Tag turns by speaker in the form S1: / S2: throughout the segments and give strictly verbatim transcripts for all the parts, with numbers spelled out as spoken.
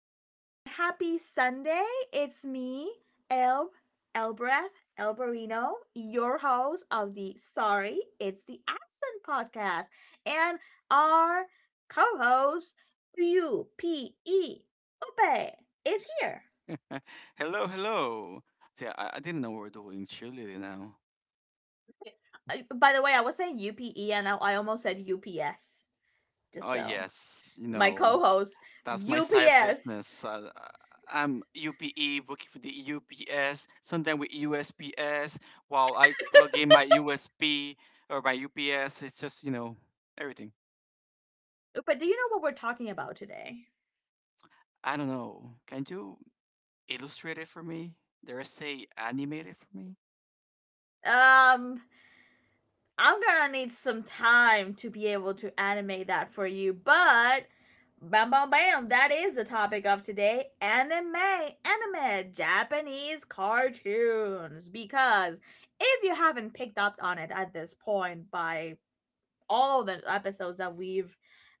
S1: Everyone. Happy Sunday. It's me, El Elbreth Elberino, your host of the Sorry, It's the Accent podcast, and our co-host U P E Upe is here.
S2: Hello, hello. See, I, I didn't know we were doing cheerleading now.
S1: I- By the way, I was saying U P E and I I almost said U P S. Just
S2: Oh
S1: so
S2: yes, you
S1: my
S2: know
S1: co-host
S2: that's my side
S1: U P S.
S2: business. Uh, I'm U P E working for the U P S, sometimes with U S P S. While I plug in my U S B or my U P S, it's just you know everything.
S1: But do you know what we're talking about today?
S2: I don't know. Can you illustrate it for me? Dare I say animate it for me?
S1: Um, I'm gonna need some time to be able to animate that for you, but bam bam bam, that is the topic of today anime, anime, Japanese cartoons. Because if you haven't picked up on it at this point by all of the episodes that we've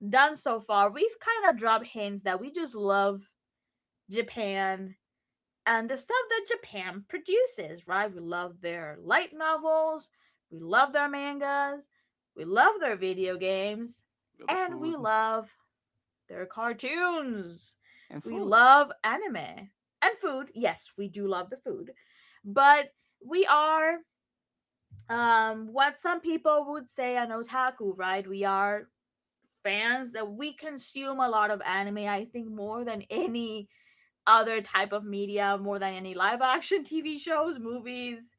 S1: done so far, we've kind of dropped hints that we just love Japan and the stuff that Japan produces, right? We love their light novels, we love their mangas, we love their video games,
S2: With the
S1: and we
S2: food
S1: love their cartoons.
S2: and
S1: We
S2: food.
S1: love anime and food. Yes, we do love the food, but we are um, what some people would say an otaku, right? We are fans that we consume a lot of anime, I think, more than any other type of media, more than any live action T V shows, movies,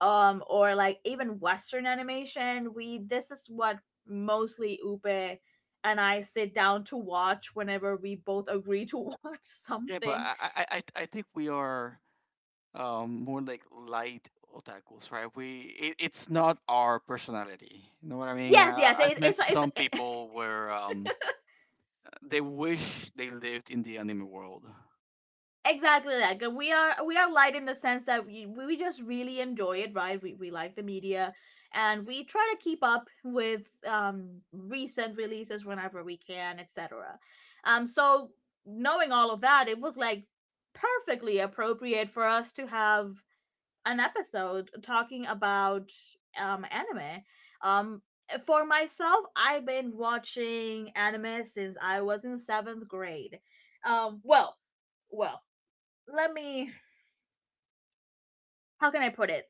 S1: um, or like even Western animation. We this is what mostly Upe and I sit down to watch whenever we both agree to watch
S2: Yeah, but
S1: something.
S2: I I, I I think we are. Um, more like light otakus, right? We it, it's not our personality. You know what I mean?
S1: Yes,
S2: Uh,
S1: yes,
S2: I've
S1: it,
S2: met
S1: it's it's
S2: some people where um, they wish they lived in the anime world.
S1: exactly that, 'cause we are we are light in the sense that we, we just really enjoy it, right, we, we like the media, and we try to keep up with um recent releases whenever we can, etc. um so knowing all of that, it was like perfectly appropriate for us to have an episode talking about um anime. um for myself, I've been watching anime since I was in seventh grade. um well well Let me, how can I put it?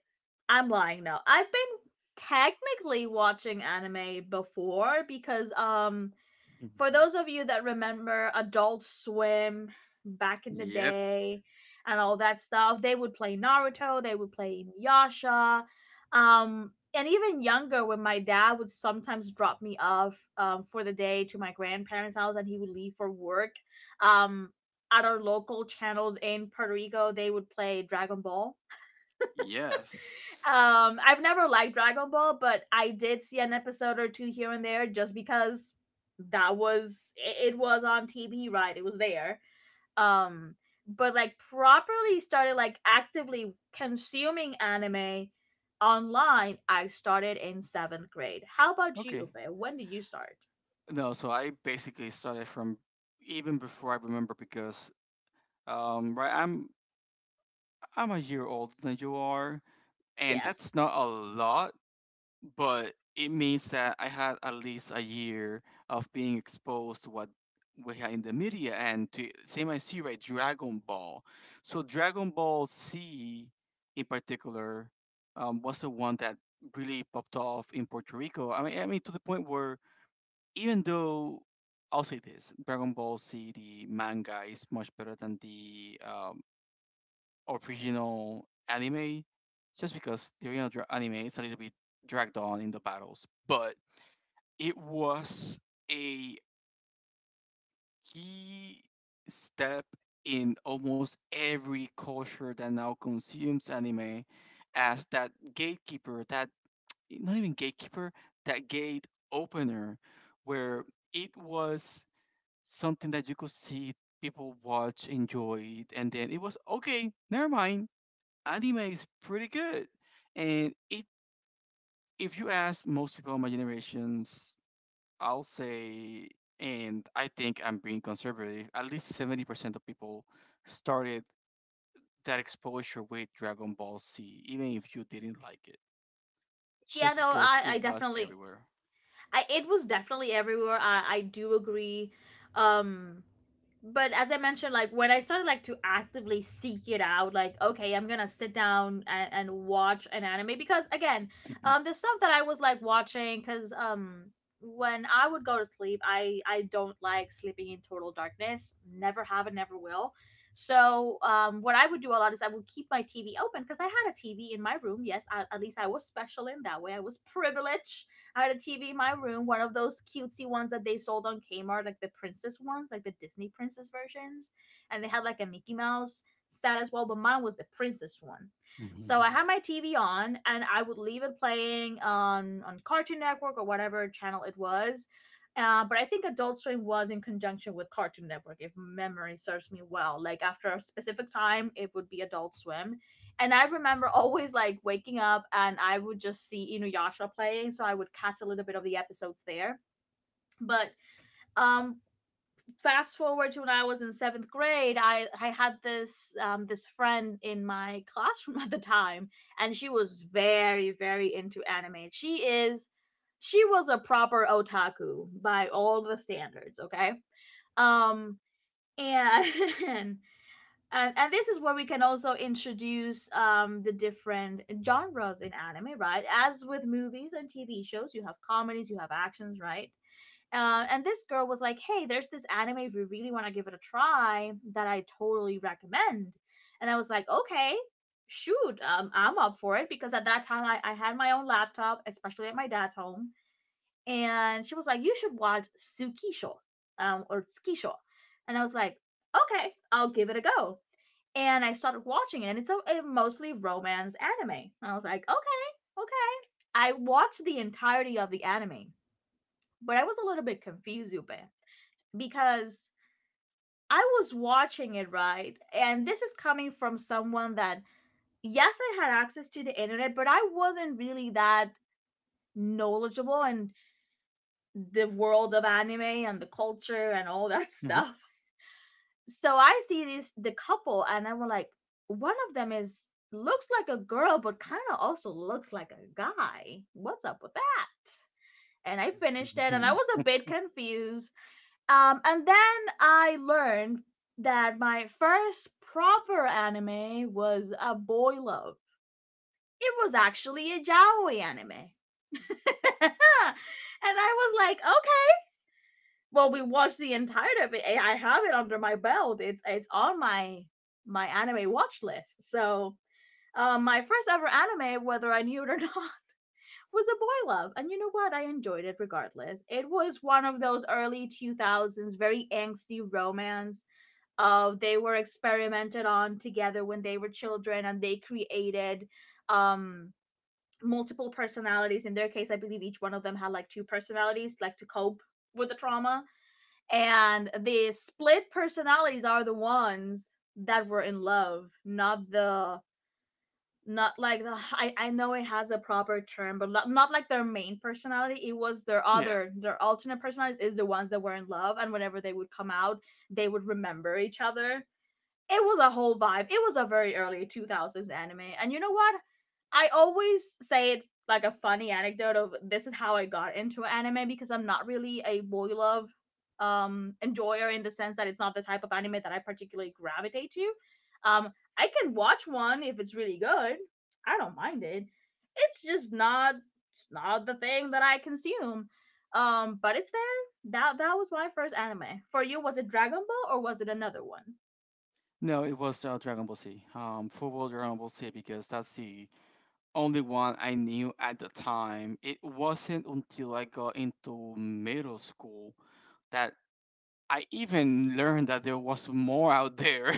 S1: I'm lying now. I've been technically watching anime before, because um for
S2: Mhm.
S1: those of you that remember Adult Swim back in the
S2: Yep.
S1: day and all that stuff, they would play Naruto, they would play Yasha. Um and even younger, when my dad would sometimes drop me off um, for the day to my grandparents' house and he would leave for work, um, at our local channels in Puerto Rico, they would play Dragon Ball.
S2: Yes.
S1: Um, I've never liked Dragon Ball, but I did see an episode or two here and there just because that was it, it was on T V, right? It was there. Um, but like properly started like actively consuming anime online, I started in seventh grade. How about
S2: Okay.
S1: you, Ube? When did you start?
S2: No, so I basically started from even before I remember because um right I'm I'm a year older than you are, and
S1: Yes.
S2: that's not a lot, but it means that I had at least a year of being exposed to what we had in the media and to same I see right Dragon Ball. So Dragon Ball Z in particular um, was the one that really popped off in Puerto Rico. I mean, I mean to the point where even though I'll say this, Dragon Ball Z the manga is much better than the um, original anime, just because the original dra- anime is a little bit dragged on in the battles, but it was a key step in almost every culture that now consumes anime as that gatekeeper, that not even gatekeeper, that gate opener, where it was something that you could see people watch, enjoy, and then it was okay, never mind, anime is pretty good. And it, if you ask most people of my generations, I'll say, and I think I'm being conservative, at least seventy percent of people started that exposure with Dragon Ball Z, even if you didn't like it,
S1: Yeah,
S2: just
S1: no,
S2: because
S1: I,
S2: it
S1: I
S2: was
S1: definitely
S2: everywhere.
S1: I it was definitely everywhere. I, I do agree. Um but as I mentioned, like when I started like to actively seek it out, like okay, I'm gonna sit down and, and watch an anime, because again, um, the stuff that I was like watching, because um, when I would go to sleep, I I don't like sleeping in total darkness. Never have and never will. So um, what I would do a lot is I would keep my T V open because I had a T V in my room. Yes, I, at least I was special in that way. I was privileged, I had a T V in my room, one of those cutesy ones that they sold on Kmart, like the princess ones, like the Disney princess versions. And they had like a Mickey Mouse set as well, but mine was the princess one. So I
S2: Mhm.
S1: had my T V on, and I would leave it playing on on Cartoon Network or whatever channel it was. Uh, but I think Adult Swim was in conjunction with Cartoon Network, if memory serves me well. Like after a specific time, it would be Adult Swim, and I remember always like waking up and I would just see Inuyasha playing, so I would catch a little bit of the episodes there. But um, fast forward to when I was in seventh grade, I, I had this um, this friend in my classroom at the time, and she was very very into anime. She is she was a proper otaku by all the standards, okay? Um, and and and this is where we can also introduce um the different genres in anime, right? As with movies and TV shows, you have comedies, you have actions, right? Uh, and this girl was like, hey, there's this anime if you really want to give it a try that I totally recommend. And I was like, okay, shoot, um, I'm up for it, because at that time I, I had my own laptop, especially at my dad's home. And she was like, you should watch Tsukisho, um, or Tsukisho. And I was like, okay, I'll give it a go. And I started watching it, and it's a, a mostly romance anime. And I was like, okay, okay. I watched the entirety of the anime, but I was a little bit confused, Yupe, because I was watching it, right, and this is coming from someone that, yes, I had access to the internet, but I wasn't really that knowledgeable in the world of anime and the culture and all that stuff. So I see this the couple, and I'm like, one of them is looks like a girl, but kind of also looks like a guy. What's up with that? And I finished it, and I was a bit confused. Um, and then I learned that my first proper anime was a boy love. It was actually a Jaoi anime. And I was like, okay, well, we watched the entirety of it. I I have it under my belt. It's it's on my my anime watch list. So, um, my first ever anime, whether I knew it or not, was a boy love, and you know what? I enjoyed it regardless. It was one of those early two thousands, very angsty romance. Of, they were experimented on together when they were children, and they created um multiple personalities. In their case, I believe each one of them had like two personalities, like to cope with the trauma, and the split personalities are the ones that were in love, not the, not like the, I, I know it has a proper term, but not, not like their main personality. It was their
S2: Yeah.
S1: other their alternate personalities, is the ones that were in love, and whenever they would come out, they would remember each other. It was a whole vibe. It was a very early two thousands anime. And you know what? I always say it like a funny anecdote of, this is how I got into anime, because I'm not really a boy love um enjoyer, in the sense that it's not the type of anime that I particularly gravitate to. Um I can watch one if it's really good. I don't mind it. It's just not, it's not the thing that I consume. Um but it's there. That that was my first anime. For you, was it Dragon Ball or was it another one?
S2: No, it was uh, Dragon Ball Z. Um, football Dragon Ball Z because that's the only one I knew at the time. It wasn't until I got into middle school that I even learned that there was more out there.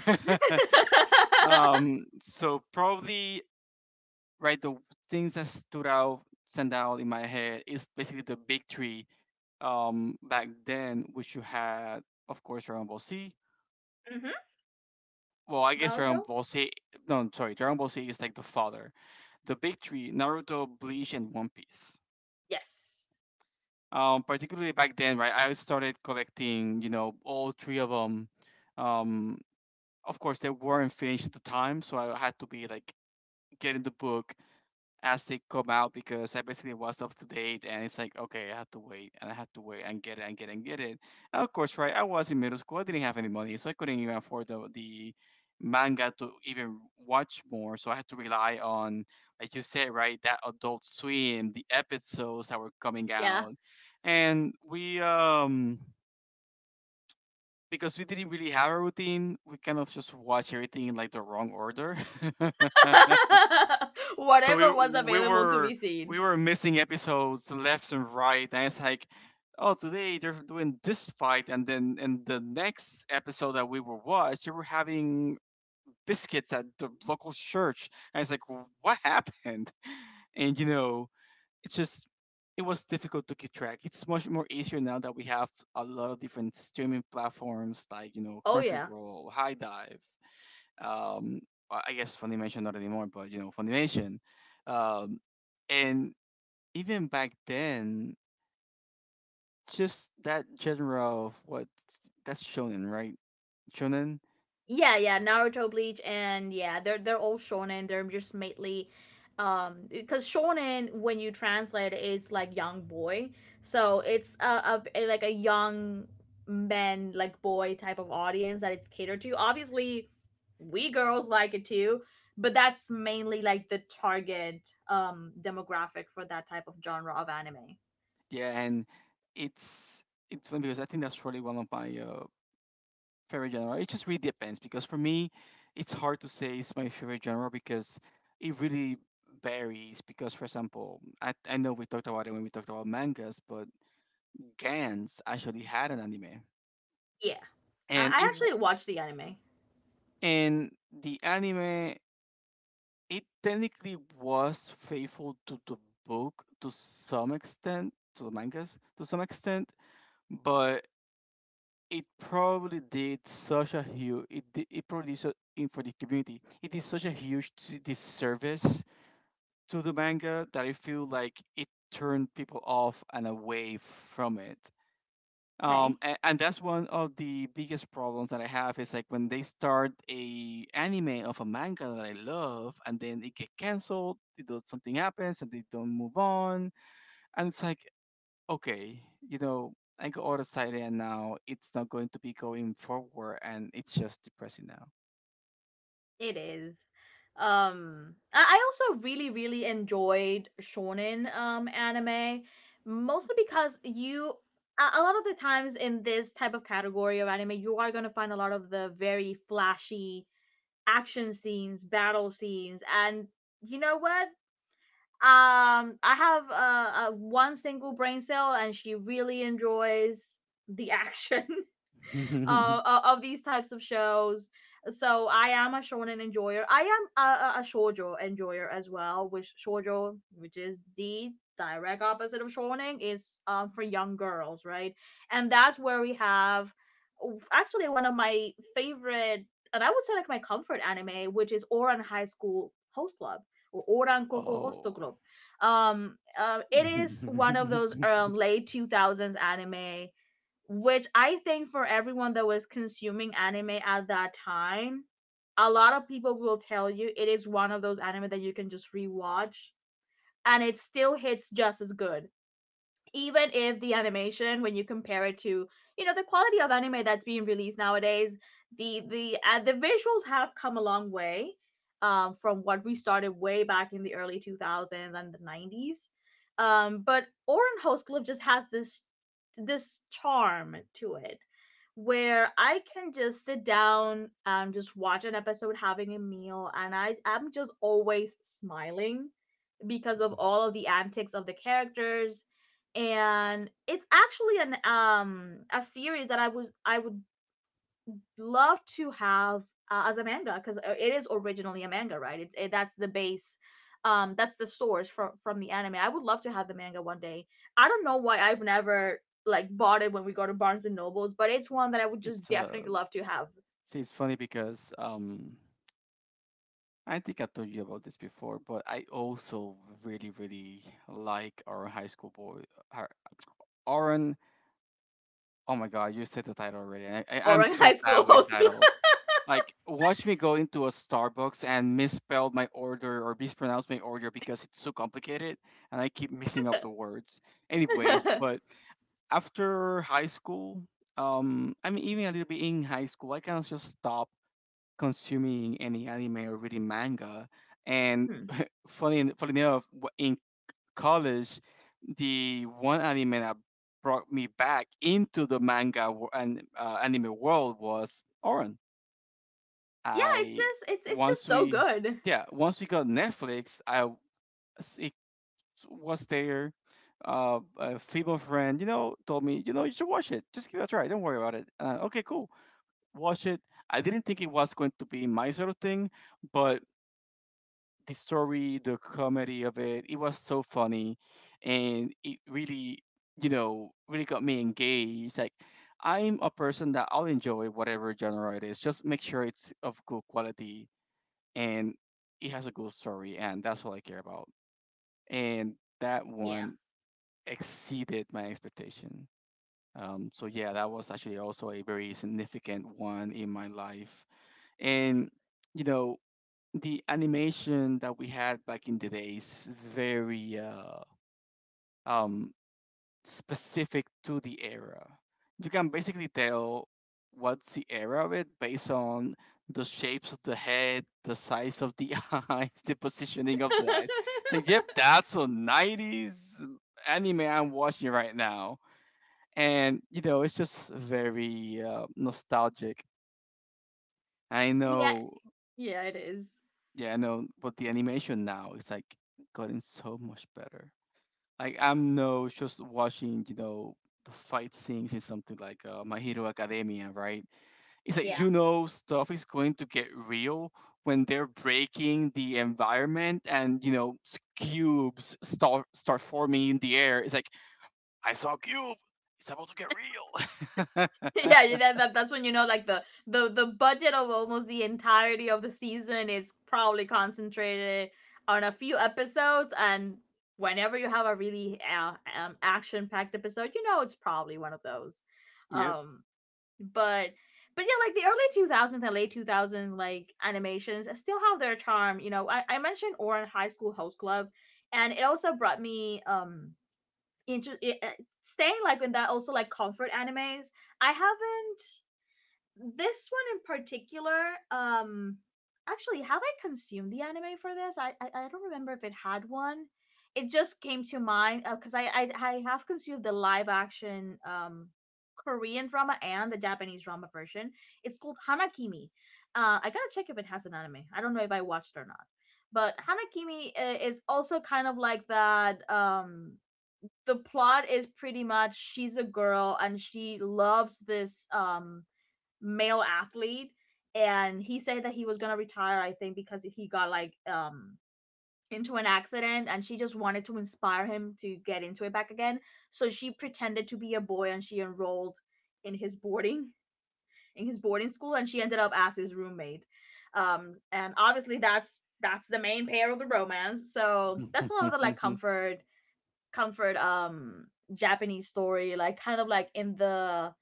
S2: um, So probably right the things that stood out, stand out in my head is basically the big three um, back then, which you had, of course, Dragon Ball Z.
S1: Hmm.
S2: Well, I guess
S1: Naruto?
S2: Dragon Ball Z. No, sorry, Dragon Ball Z is like the father. The big three: Naruto, Bleach, and One Piece.
S1: Yes.
S2: Um, particularly back then, right? I started collecting, you know, all three of them. Um, of course, they weren't finished at the time, so I had to be like getting the book as they come out because I basically was up to date and it's like, okay, I have to wait and I have to wait and get it and get it and get it. And of course, right, I was in middle school. I didn't have any money, so I couldn't even afford the, the manga to even watch more. So I had to rely on, like you said, right, that Adult Swim, the episodes that were coming
S1: Yeah.
S2: out. And we, um, because we didn't really have a routine, we kind of just watch everything in like the wrong order. So we
S1: Whatever was
S2: we
S1: available to
S2: were
S1: be seen.
S2: we were missing episodes left and right, and it's like, oh, today they're doing this fight, and then in the next episode that we were watched, they were having biscuits at the local church, and it's like, what happened? And you know, it's just it was difficult to keep track. It's much more easier now that we have a lot of different streaming platforms like you know
S1: Oh yeah.
S2: Crunchyroll, High Dive, um, I I guess Funimation not anymore, but you know Funimation. Um, and even back then, just that genre of what that's shonen, right? Shonen,
S1: Yeah, yeah, Naruto, Bleach, and yeah, they're they're all shonen. They're just mainly, um, because shonen, when you translate it, it's like young boy, so it's a, a like a young men, like boy, type of audience that it's catered to. Obviously, we girls like it too, but that's mainly like the target um demographic for that type of genre of anime.
S2: yeah, and it's it's funny because I think that's really one of my uh, favorite genre. It just really depends because for me, it's hard to say it's my favorite genre because it really varies. Because for example, I I know we talked about it when we talked about mangas, but Gans actually had an anime,
S1: Yeah, I,
S2: and
S1: I
S2: it
S1: actually watched the anime.
S2: in the anime, it technically was faithful to the book to some extent, to the mangas to some extent, but it probably did such a huge it did, it probably did so, in for the community. It did such a huge s- disservice to the manga that I feel like it turned people off and away from it. um
S1: Okay,
S2: and, and that's one of the biggest problems that I have is like when they start a anime of a manga that I love and then it get canceled it does something happens and they don't move on, and it's like okay, you know, I go out of sight and now it's not going to be going forward and it's just depressing
S1: it is. Um, I, I also really, really enjoyed shonen um anime, mostly because you a, a lot of the times in this type of category of anime, you are gonna find a lot of the very flashy action scenes, battle scenes, and you know what? Um, I have uh, uh one single brain cell, and she really enjoys the action.
S2: now.
S1: uh, uh, of these types of shows. So I am a shonen enjoyer. I am a, a, shoujo enjoyer as well, which shoujo, which is the direct opposite of shonen, is um for young girls, right? And that's where we have actually one of my favorite, and I would say like my comfort anime, which is Oran High School Host Club, or Oran Koko Host
S2: Oh,
S1: Club. Um,
S2: s-
S1: uh, it is one of those um, late two thousands anime, which I think for everyone that was consuming anime at that time, a lot of people will tell you it is one of those anime that you can just rewatch and it still hits just as good, even if the animation, when you compare it to, you know, the quality of anime that's being released nowadays, the the uh, the visuals have come a long way um from what we started way back in the early two thousands and the nineties. Um but Oren Hostcliffe just has this this charm to it, where I can just sit down and just watch an episode having a meal, and I am just always smiling because of all of the antics of the characters. And it's actually an um a series that I was I would love to have uh, as a manga, because it is originally a manga, right? It's it, that's the base, um, that's the source from from the anime. I would love to have the manga one day. I don't know why I've never like bought it when we go to Barnes and Nobles, but it's one that I would just
S2: it's uh
S1: definitely love to have.
S2: see it's funny because um I think I told you about this before, but I also really, really like our high school boy, our- Aaron. Oh my God, you said the title already. and I, I, I'm
S1: Orang
S2: so
S1: High
S2: bad
S1: School
S2: with
S1: host
S2: titles. Like, watch me go into a Starbucks and misspelled my order or mispronounce my order because it's so complicated and I keep mixing up the words. Anyways,
S1: club.
S2: but after high school, um, I mean, even a little bit in high school, I kind of just stopped consuming any anime or reading manga. And
S1: Hmm.
S2: funny, funny enough, wh- in college, the one anime that brought me back into the manga wo- and uh, anime world was Oran.
S1: Yeah, it's
S2: I
S1: just it's it's just
S2: once
S1: so
S2: we,
S1: good.
S2: yeah, once we got Netflix, I w- s- it was there. Uh, a female friend, you know, told me, you know, you should watch it. Just give it a try. Don't worry about it. Uh, okay, cool. Watch it. I didn't think it was going to be my sort of thing, but the story, the comedy of it, it was so funny, and it really, you know, really got me engaged. Like, I'm a person that I'll enjoy whatever genre it is. Just make sure it's of good quality and it has a good story, and that's all I care about. And that
S1: Yeah.
S2: one exceeded my expectation. Um, so yeah, that was actually also a very significant one in my life, and you know the animation that we had back in the days very uh, um, specific to the era. You can basically tell what's the era of it based on the shapes of the head, the size of the eyes, the positioning of the eyes. Like, yep, that's a nineties anime I'm watching right now. And, you know, it's just very uh, nostalgic. I
S1: Yeah,
S2: know.
S1: yeah, it is.
S2: Yeah, I know, but the animation now is like gotten so much better. Like I'm no just watching, you know, the fight scenes in something like uh, My Hero Academia, right? It's like
S1: Yeah.
S2: you know stuff is going to get real when they're breaking the environment and you know s- cubes start start forming in the air. It's like I saw a cube. It's about to get real.
S1: Yeah, yeah, that, that that's when you know, like the the the budget of almost the entirety of the season is probably concentrated on a few episodes, and whenever you have a really uh, um action packed episode, you know it's probably one of those.
S2: Yep.
S1: Um but but yeah, like the early two thousands and late two thousands like animations still have their charm. You know, I, I mentioned Oran High School Host Club, and it also brought me um into i- uh, staying like in that also like comfort animes. I haven't this one in particular um actually have I consumed the anime for this I I, I don't remember if it had one. It just came to mind because uh, I, I I have consumed the live action um korean drama and the japanese drama version. It's called Hanakimi. Uh, I gotta check if it has an anime. I don't know if I watched or not, but Hanakimi uh, is also kind of like that um. The plot is pretty much, she's a girl and she loves this um male athlete, and he said that he was gonna retire, I think, because he got like um into an accident, and she just wanted to inspire him to get into it back again. So she pretended to be a boy and she enrolled in his boarding in his boarding school, and she ended up as his roommate. Um, and obviously that's that's the main pair of the romance, so that's a lot of the like comfort comfort um Japanese story, like kind of like in the,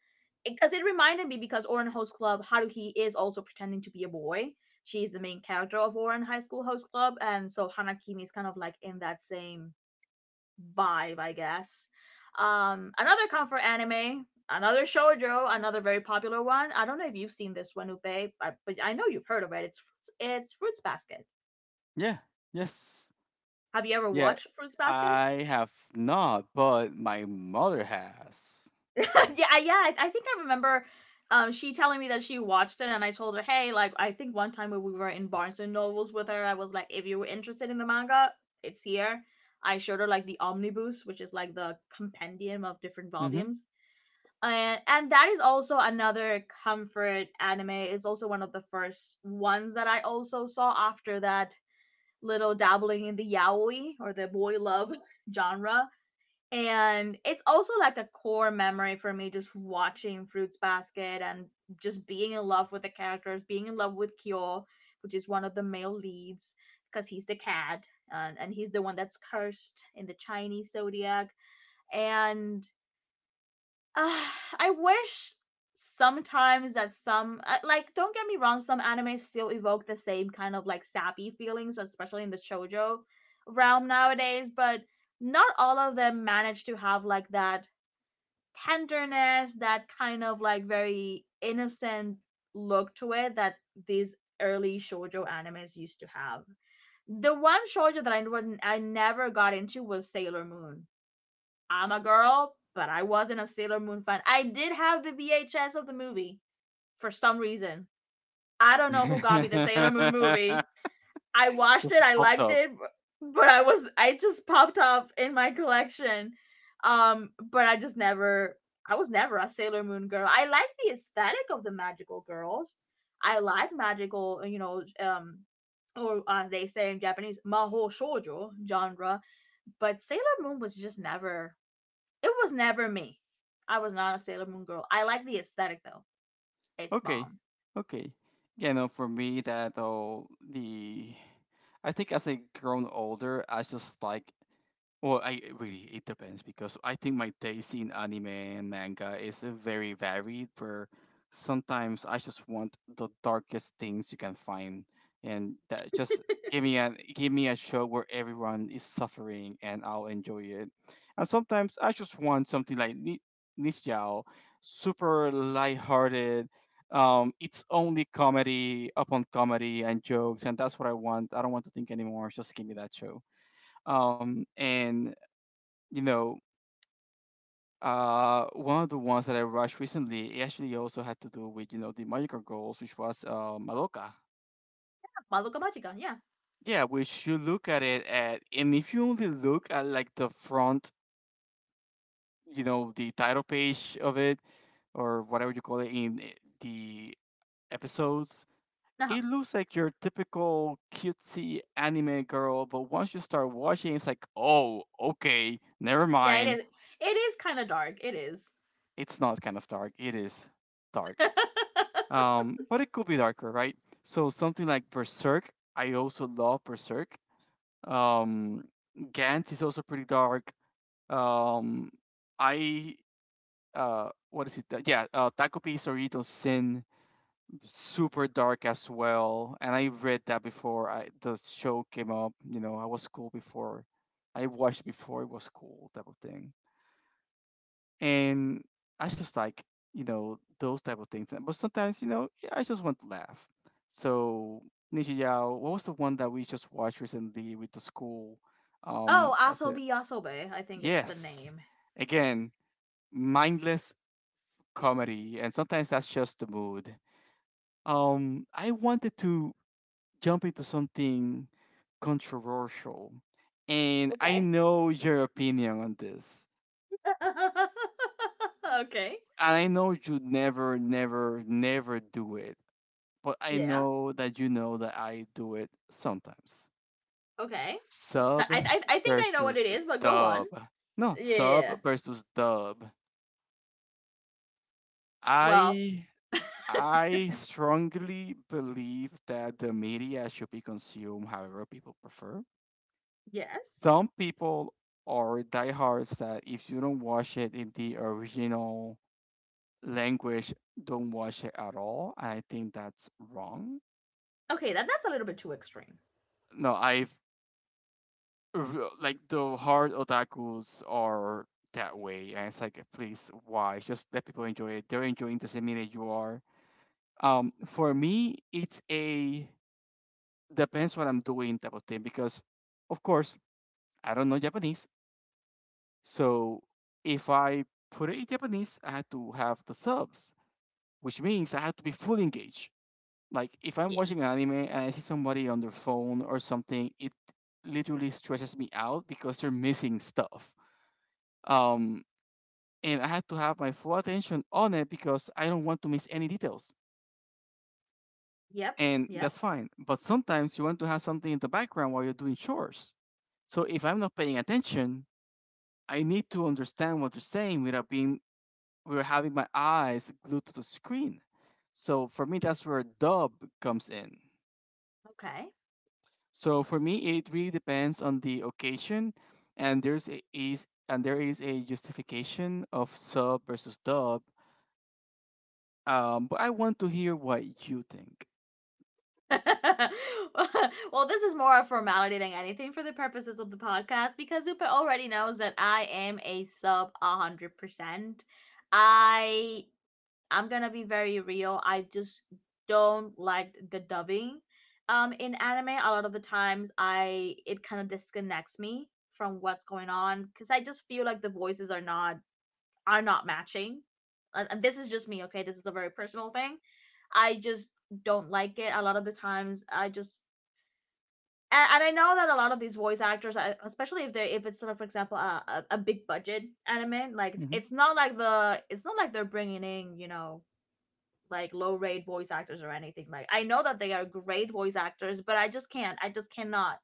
S1: because it, it reminded me, because Oren Host Club Haruhi is also pretending to be a boy. She's the main character of Oren High School Host Club, and so Hanakimi is kind of like in that same vibe, I guess. Um, another comfort anime, another shoujo, another very popular one. I don't know if you've seen this one, Upe, but, but I know you've heard of it. It's it's Fruits Basket.
S2: Yeah. Yes.
S1: Have you ever
S2: Yeah,
S1: watched Fruits Basket?
S2: I have not, but my mother has.
S1: yeah, yeah. I, I think I remember um she telling me that she watched it, and I told her, hey, like I think one time when we were in Barnes and Nobles with her, I was like, if you were interested in the manga, it's here. I showed her like the omnibus, which is like the compendium of different
S2: Hmm.
S1: volumes. And and that is also another comfort anime. It's also one of the first ones that I also saw after that little dabbling in the yaoi or the boy love genre. And it's also like a core memory for me, just watching Fruits Basket and just being in love with the characters, being in love with Kyo, which is one of the male leads, because he's the cat, and, and he's the one that's cursed in the Chinese zodiac. And uh, I wish sometimes that some, uh, like, don't get me wrong, some animes still evoke the same kind of like sappy feelings, especially in the shoujo realm nowadays, but not all of them manage to have like that tenderness, that kind of like very innocent look to it that these early shoujo animes used to have. The one shoujo that I wouldn't, I never got into was Sailor Moon. I'm a girl, but I wasn't a Sailor Moon fan. I did have the V H S of the movie for some reason. I don't know who got me the Sailor Moon movie. I watched it,
S2: Just
S1: I
S2: popped
S1: liked
S2: up.
S1: it, but I was I just popped up in my collection. Um, but I just never, I was never a Sailor Moon girl. I like the aesthetic of the magical girls. I like magical, you know, um, or as they say in Japanese, mahou shoujo genre. But Sailor Moon was just never, it was never me. I was not a Sailor Moon girl. I like the aesthetic though. It's
S2: Okay,
S1: bomb.
S2: okay. You know, for me, that oh, the I think as I grown older, I just like well, I it really it depends because I think my taste in anime and manga is uh, very varied. Where sometimes I just want the darkest things you can find, and that just give me a give me a show where everyone is suffering, and I'll enjoy it. And sometimes I just want something like Ni- Nichiao, super lighthearted. Um, it's only comedy upon comedy and jokes, and that's what I want. I don't want to think anymore. Just give me that show um and you know, uh, one of the ones that I watched recently it actually also had to do with you know the magical girls, which was uh, Madoka.
S1: Madoka Magica, yeah.
S2: Yeah, which you look at it at, and if you only look at like the front, you know, the title page of it or whatever you call it in i- the episodes,
S1: Nah.
S2: it looks like your typical cutesy anime girl. But once you start watching, it's like, oh, okay, never
S1: Yeah, it
S2: mind.
S1: is. It is kind of dark. It is.
S2: It's not kind of dark. It is dark. Um, but it could be darker, right? So something like Berserk, I also love Berserk. Um, Gantz is also pretty dark. Um, I uh, what is it? Uh, Yeah, uh, Takopi Sorito Sin, super dark as well. And I read that before I, the show came up. You know, I was cool before. I watched before it was cool, type of thing. And I just like you know those type of things. But sometimes you know yeah, I just want to laugh. So Ninja Yao, what was the one that we just watched recently with the school? Um,
S1: Oh,
S2: I said,
S1: Asobi Yasobe, I think it's the
S2: yes,
S1: name.
S2: again, mindless comedy, and sometimes that's just the mood. Um, I wanted to jump into something controversial, and I
S1: Okay.
S2: know your opinion on this.
S1: okay.
S2: And I know you never, never, never do it, but I
S1: Yeah.
S2: know that you know that I do it sometimes.
S1: Okay.
S2: Sub
S1: I, I I think I know what
S2: versus
S1: it is, but go on.
S2: dub. No,
S1: Yeah. yeah, yeah.
S2: sub versus dub.
S1: Well,
S2: I I strongly believe that the media should be consumed however people prefer.
S1: yes.
S2: Some people are diehards that if you don't watch it in the original language, don't watch it at all. I think that's wrong.
S1: Okay, that that's a little bit too extreme.
S2: No, I've r- like the hard otakus are that way, and it's like, please, why? Just let people enjoy it. They're enjoying the same minute you are. um for me, it's a depends what I'm doing type of thing, because of course I don't know Japanese. So if I put it in Japanese, I have to have the subs, which means I have to be fully engaged. Like, if I'm
S1: Yeah.
S2: watching an anime and I see somebody on their phone or something, it literally stresses me out because they're missing stuff. um and I had to have my full attention on it because I don't want to miss any details.
S1: Yep.
S2: And
S1: Yep.
S2: that's fine. But sometimes you want to have something in the background while you're doing chores. So if I'm not paying attention, I need to understand what they're saying without being, without having my eyes glued to the screen. So for me, that's where dub comes in.
S1: Okay.
S2: So for me, it really depends on the occasion, and there's a, is and there is a justification of sub versus dub. Um, but I want to hear what you think.
S1: well, this is more a formality than anything for the purposes of the podcast, because Zupa already knows that I am a sub one hundred percent. I I'm gonna be very real. I just don't like the dubbing. Um, in anime, a lot of the times I it kind of disconnects me from what's going on, because I just feel like the voices are not, are not matching. Uh, And this is just me, okay? This is a very personal thing. I just don't like it. A lot of the times, I just, and, and I know that a lot of these voice actors, uh, especially if they, if it's sort of, for example, a, a, a big budget anime, like it's
S2: Hmm.
S1: it's not like the, it's not like they're bringing in, you know, like low rate voice actors or anything. Like I know that they are great voice actors, but I just can't I just cannot,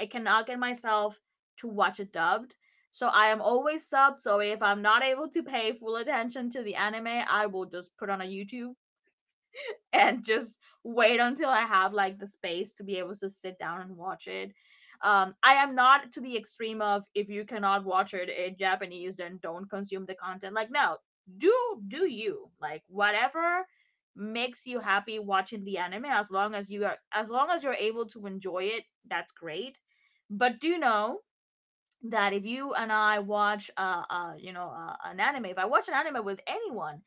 S1: I cannot get myself to watch it dubbed. So I am always subbed. So if I'm not able to pay full attention to the anime, I will just put on a YouTube and just wait until I have like the space to be able to sit down and watch it. Um, I am not to the extreme of, if you cannot watch it in Japanese, then don't consume the content. Like, no, do do you like whatever makes you happy watching the anime. As long as you are as long as you're able to enjoy it, that's great. But do know that if you and I watch uh, uh you know uh, an anime, if I watch an anime with anyone,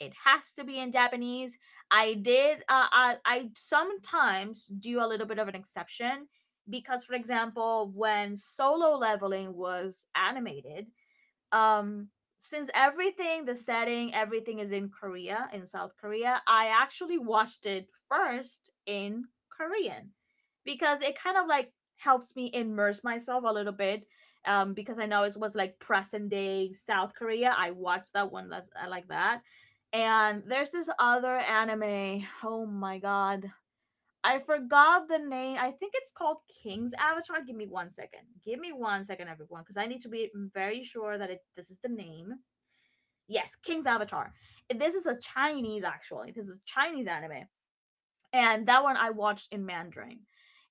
S1: it has to be in Japanese. I did. Uh, I I sometimes do a little bit of an exception because, for example, when Solo Leveling was animated, um since everything, the setting, everything is in Korea, in South Korea, I actually watched it first in Korean, because it kind of like helps me immerse myself a little bit. Um, because I know it was like present day South Korea, I watched that one. That's, I like that. And there's this other anime, oh my god, I forgot the name. I think it's called King's Avatar. Give me one second. Give me one second, everyone, because I need to be very sure that it this is the name. Yes, King's Avatar. This is a Chinese, actually. This is Chinese anime, and that one I watched in Mandarin.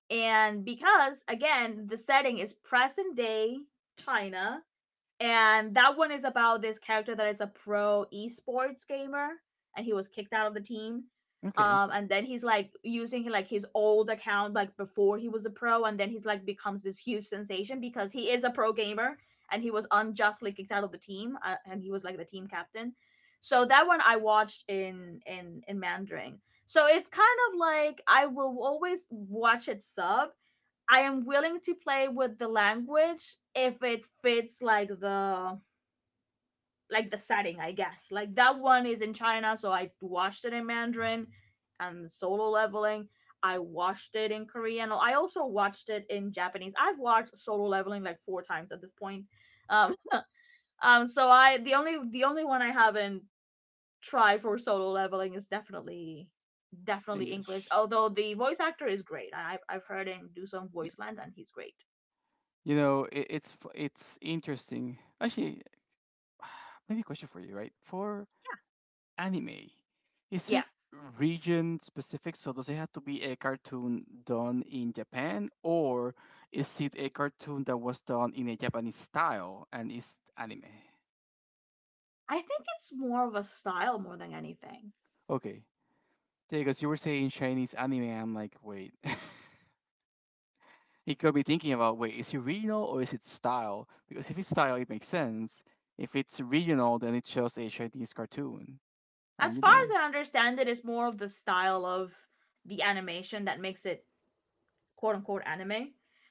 S1: And because again, the setting is present day China, and that one is about this character that is a pro esports gamer, and he was kicked out of the team.
S2: Okay,
S1: Um, and then he's like using like his old account, like before he was a pro, and then he's like becomes this huge sensation because he is a pro gamer, and he was unjustly kicked out of the team, uh, and he was like the team captain. So that one I watched in in in Mandarin. So it's kind of like, I will always watch it sub. I am willing to play with the language if it fits like the, like the setting, I guess. Like that one is in China, so I watched it in Mandarin, and solo leveling, I watched it in Korean. I also watched it in Japanese. I've watched solo leveling like four times at this point. Um um so I the only the only one I haven't tried for solo leveling is definitely definitely English.
S2: English.
S1: Although the voice actor is great. I I've, I've heard him do some
S2: Yeah.
S1: voice land, and he's great.
S2: You know, it, it's f- it's interesting. Actually, maybe a question for you, right? For anime, is
S1: Yeah.
S2: it region specific? So does it have to be a cartoon done in Japan, or is it a cartoon that was done in a Japanese style and is anime?
S1: I think it's more of a style more than anything.
S2: Okay. Yeah, because you were saying Chinese anime, I'm like, wait. He could be thinking about, wait, is it regional or is it style? Because if it's style, it makes sense. If it's regional, then it shows a Chinese cartoon, and
S1: As
S2: you
S1: far
S2: know,
S1: as I understand it, it's more of the style of the animation that makes it quote unquote anime.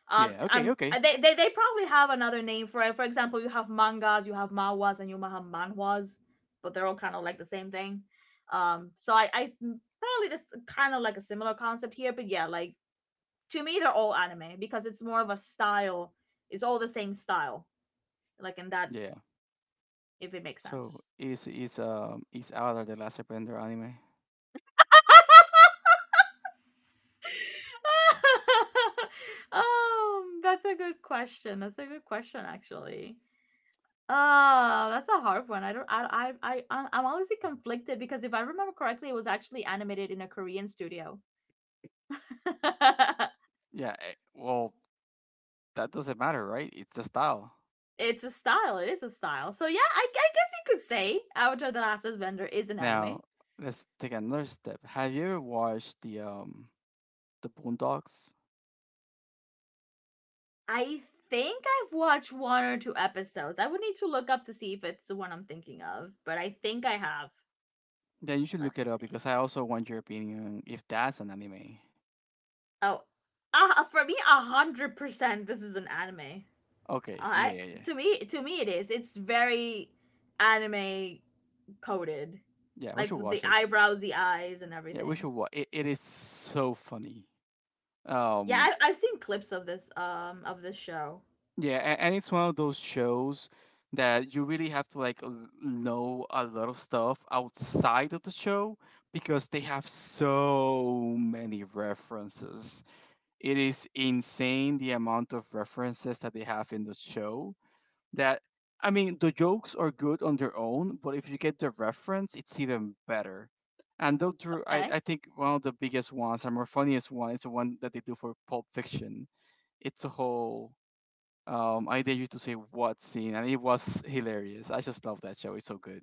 S1: Um,
S2: yeah, okay,
S1: um,
S2: okay,
S1: they, they they probably have another name for it. For example, you have mangas, you have mawas, and you have manhwas, but they're all kind of like the same thing. Um, so I, I mm, probably this kind of like a similar concept here, but yeah, like to me they're all anime because it's more of a style. It's all the same style, like in that
S2: yeah.
S1: if it makes
S2: So
S1: sense.
S2: is is um is Avatar the Last Airbender anime?
S1: um, that's a good question. That's a good question, actually. Oh, that's a hard one. I don't. I. I. I. I'm honestly conflicted because if I remember correctly, it was actually animated in a Korean studio.
S2: Yeah, eh, well, that doesn't matter, right? It's a style.
S1: It's a style. It is a style. So yeah, I, I guess you could say Avatar: The Last Airbender is an anime.
S2: Now let's take another step. Have you ever watched the um the Boondocks?
S1: I think I've watched one or two episodes. I would need to look up to see if it's the one I'm thinking of, but I think I have.
S2: Yeah, you should look it
S1: Let's
S2: up because I also want your opinion if that's an anime.
S1: Oh, uh, for me, a hundred percent. This is an anime.
S2: Okay, yeah,
S1: I
S2: yeah, yeah.
S1: to me to me it is. It's very anime coded,
S2: Yeah, we
S1: like
S2: should
S1: with the
S2: watch it.
S1: eyebrows, the eyes, and
S2: Yeah, we
S1: everything.
S2: should watch. It, it is so funny.
S1: Yeah,
S2: Um,
S1: I, I've seen clips of this um of this show.
S2: yeah, and, and it's one of those shows that you really have to like l- know a lot of stuff outside of the show because they have so many references. It is insane the amount of references that they have in the show. That, I mean, the jokes are good on their own, but if you get the reference, it's even better. And though through, I,
S1: Okay.
S2: I think one of the biggest ones and more funniest one is the one that they do for Pulp Fiction. It's a whole um, I dare you to say what scene, and it was hilarious. I just love that show. It's so good.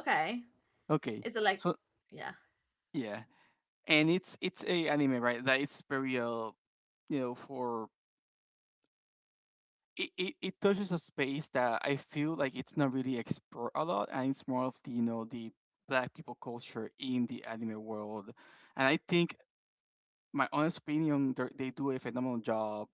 S1: Okay.
S2: Okay,
S1: Is it like,
S2: so
S1: yeah,
S2: yeah, and it's it's a anime, right? That it's very uh, you know, for it, it, it touches a space that I feel like it's not really explored a lot, and it's more of the you know the black people culture in the anime world, and I think, my honest opinion, they're- they do a phenomenal job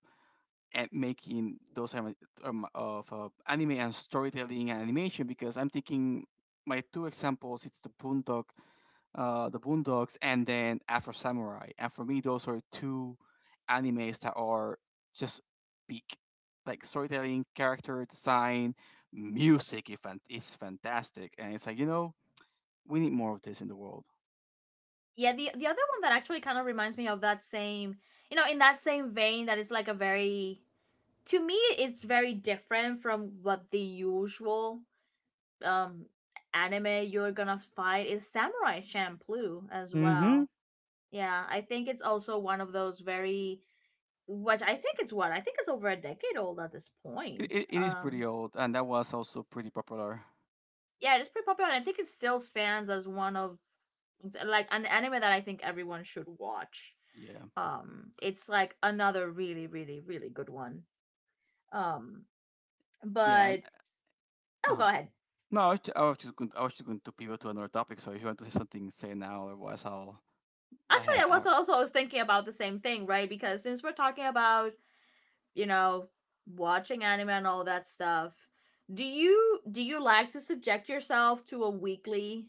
S2: at making those anima- um, of uh, anime and storytelling and animation, because I'm thinking my two examples, it's the Boondock uh, the Boondocks, and then Afro Samurai. And for me, those are two animes that are just peak, like storytelling, character design, music. If it's fantastic, and it's like, you know, we need more of this in the world.
S1: yeah? The the other one that actually kind of reminds me of that same, you know, in that same vein that is like a very to me it's very different from what the usual um anime you're gonna find is Samurai Champloo as
S2: Hmm.
S1: well. Yeah, I think it's also one of those very which I think it's what I think it's over a decade old at this
S2: It,
S1: point.
S2: it, it is
S1: Um,
S2: pretty old, and that was also pretty popular.
S1: yeah, it's pretty popular. And I think it still stands as one of like an anime that I think everyone should watch.
S2: Yeah,
S1: Um, it's like another really, really, really good one. Um,
S2: yeah, and
S1: but Oh, go
S2: um,
S1: ahead.
S2: no, I was, ju- I was just going, I was just going to pivot to another topic. So if you want to say something, say now. Otherwise, I'll. I,
S1: Actually, I was
S2: ha-
S1: also thinking about the same thing, right? Because since we're talking about, you know, watching anime and all that stuff, do you do you like to subject yourself to a weekly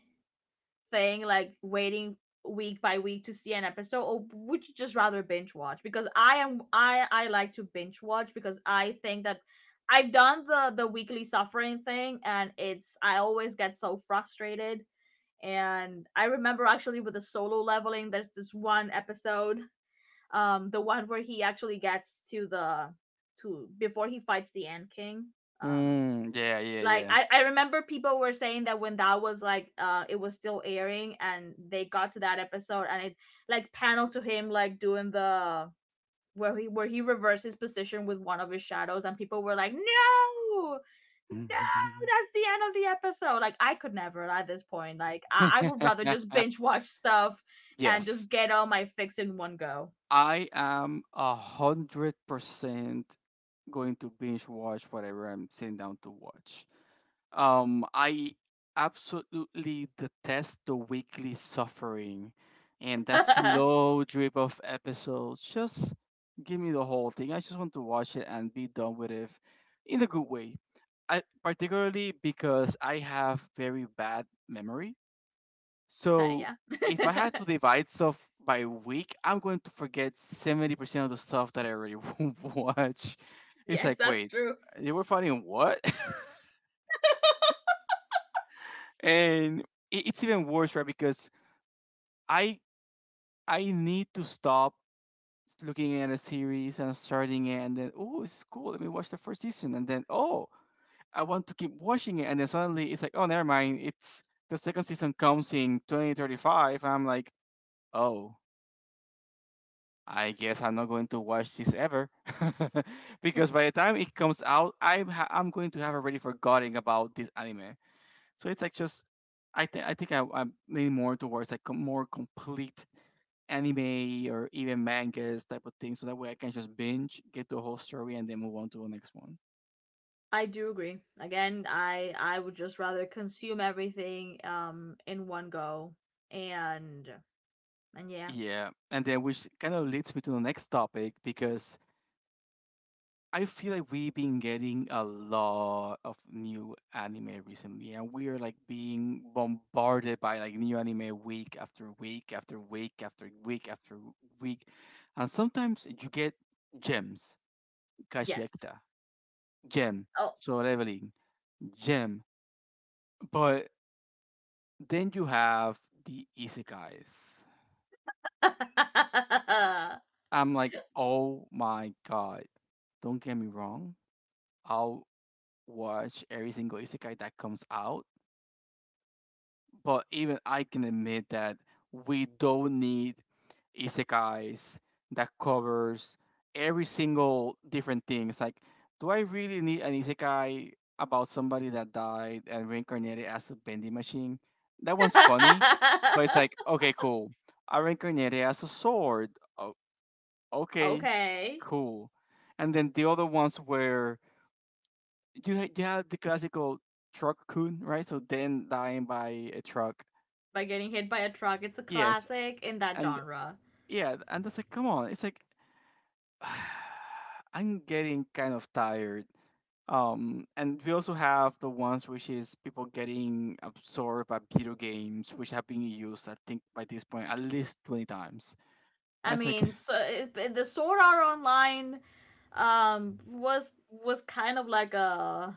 S1: thing, like waiting week by week to see an episode, or would you just rather binge watch? Because I am I I like to binge watch because I think that I've done the the weekly suffering thing, and it's I always get so frustrated. And I remember actually with the solo leveling, there's this one episode um the one where he actually gets to the to before he fights the Ant King.
S2: I,
S1: Um
S2: mm, yeah,
S1: like
S2: yeah,
S1: I, I remember people were saying that when that was like uh it was still airing and they got to that episode and it like panel to him like doing the where he where he reversed his position with one of his shadows and people were like no no
S2: yeah.
S1: that's the end of the episode like I could never at this point like I, I would rather just binge watch stuff and
S2: yes,
S1: just get all my fix in one go.
S2: I am a hundred percent going to binge watch whatever I'm sitting down to watch. Um, I absolutely detest the weekly suffering and that slow drip of episodes. Just give me the whole thing. I just want to watch it and be done with it in a good way. I particularly because I have very bad memory.
S1: Uh,
S2: So
S1: yeah.
S2: if I had to divide stuff by week, I'm going to forget seventy percent of the stuff that I already watch. It's
S1: Yes,
S2: like,
S1: that's
S2: wait,
S1: true.
S2: you were fighting what? and it- it's even worse, right? Because I I need to stop looking at a series and starting it, and then, oh, it's cool. Let me watch the first season, and then, oh, I want to keep watching it, and then suddenly it's like, oh, never mind. It's, the second season comes in twenty thirty-five. I'm like, oh. I guess I'm not going to watch this ever because by the time it comes out, I'm ha- I'm going to have already forgotten about this anime. So it's like just I think I think I, I'm leaning more towards like a more complete anime or even mangas type of thing, so that way I can just binge, get the whole story, and then move on to the next one.
S1: I do agree. Again, I I would just rather consume everything um in one go and and yeah.
S2: Yeah, and then which kind of leads me to the next topic, because I feel like we've been getting a lot of new anime recently, and we are like being bombarded by like new anime week after week after week after week after week, and sometimes you get gems.
S1: Yes.
S2: Kashiekta, gem.
S1: Oh.
S2: Soul Leveling, gem. But then you have the isekais. I'm like, oh my god! Don't get me wrong, I'll watch every single isekai that comes out. But even I can admit that we don't need isekais that covers every single different things. Like, do I really need an isekai about somebody that died and reincarnated as a vending machine? That one's funny, but it's like, okay, cool. I reincarnated as a sword. Oh, okay,
S1: Okay.
S2: cool. And then the other ones where you ha- you have the classical truck coon, right? So then dying by a truck.
S1: By getting hit by a truck, it's a
S2: Yes,
S1: classic in that
S2: and
S1: genre.
S2: yeah, and that's like, come on, it's like I'm getting kind of tired. Um, and we also have the ones which is people getting absorbed by video games, which have been used, I think, by this point at least twenty times. And
S1: I
S2: it's like
S1: mean, so it, the Sword Art Online um was was kind of like a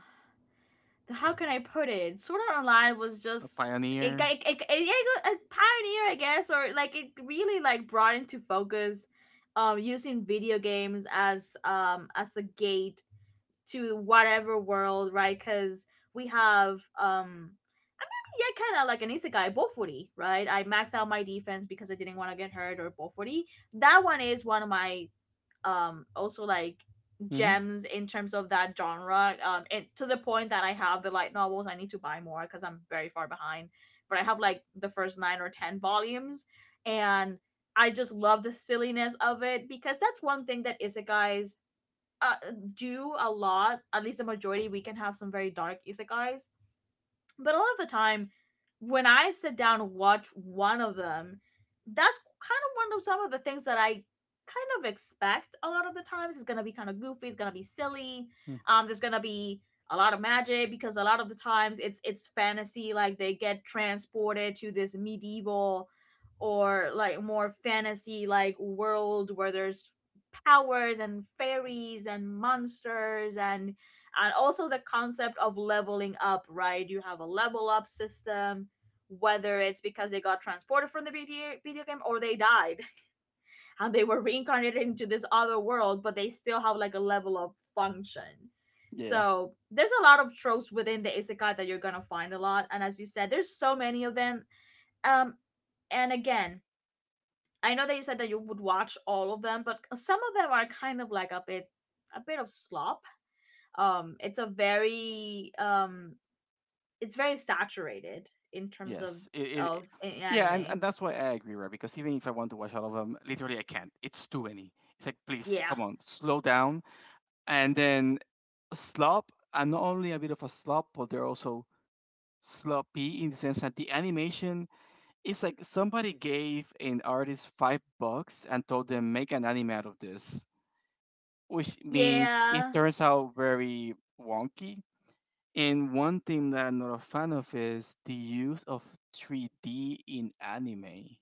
S1: how can I put it? Sword Art Online was
S2: the
S1: just it,
S2: pioneer.
S1: it, it, it, yeah, it a pioneer, I guess, or like it really like brought into focus, um, using video games as um as a gate to whatever world, right? Because we have um yeah, kind of like an isekai, Bofuri, right? I maxed out my defense because I didn't want to get hurt or Bofuri. That one is one of my um also like
S2: Hmm.
S1: gems in terms of that genre um and to the point that I have the light novels. I need to buy more because I'm very far behind, but I have like the first nine or ten volumes. And I just love the silliness of it because that's one thing that isekais uh, do a lot. At least the majority, we can have some very dark isekais, but a lot of the time, when I sit down and watch one of them, that's kind of one of some of the things that I kind of expect a lot of the times. It's gonna be kind of goofy. It's gonna be silly. Um, there's gonna be a lot of magic because a lot of the times it's it's fantasy. Like they get transported to this medieval or like more fantasy like world where there's powers and fairies and monsters and and also the concept of leveling up, right? You have a level up system whether it's because they got transported from the video, video game or they died and they were reincarnated into this other world but they still have like a level up function.
S2: Yeah.
S1: So there's a lot of tropes within the isekai that you're gonna find a lot, and as you said there's so many of them, um and again, I know that you said that you would watch all of them but some of them are kind of like a bit, a bit of slop. um it's a very um it's very saturated in terms of
S2: Yes. It. It,
S1: of
S2: yeah, and,
S1: anime.
S2: and that's why I agree, right? Because even if I want to watch all of them, literally I can't. It's too many. It's like, please,
S1: Yeah.
S2: come on, slow down. And then slop, and not only a bit of a slop, but they're also sloppy in the sense that the animation is like somebody gave an artist five bucks and told them make an anime out of this, which means it
S1: Yeah,
S2: turns out very wonky. And one thing that I'm not a fan of is the use of three D in anime,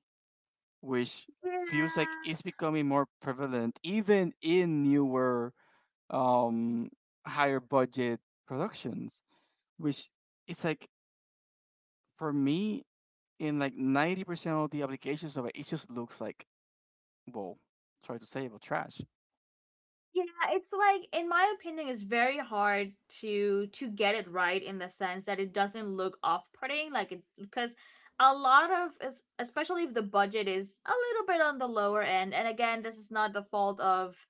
S2: which feels like
S1: yeah.
S2: it's becoming more prevalent even in newer um higher budget productions, which it's like for me in like ninety percent of the applications of it, it just looks like, well, sorry to say, but trash.
S1: Yeah, it's like in my opinion it's very hard to to get it right in the sense that it doesn't look off-putting like it because a lot of es- especially if the budget is a little bit on the lower end, and again this is not the fault of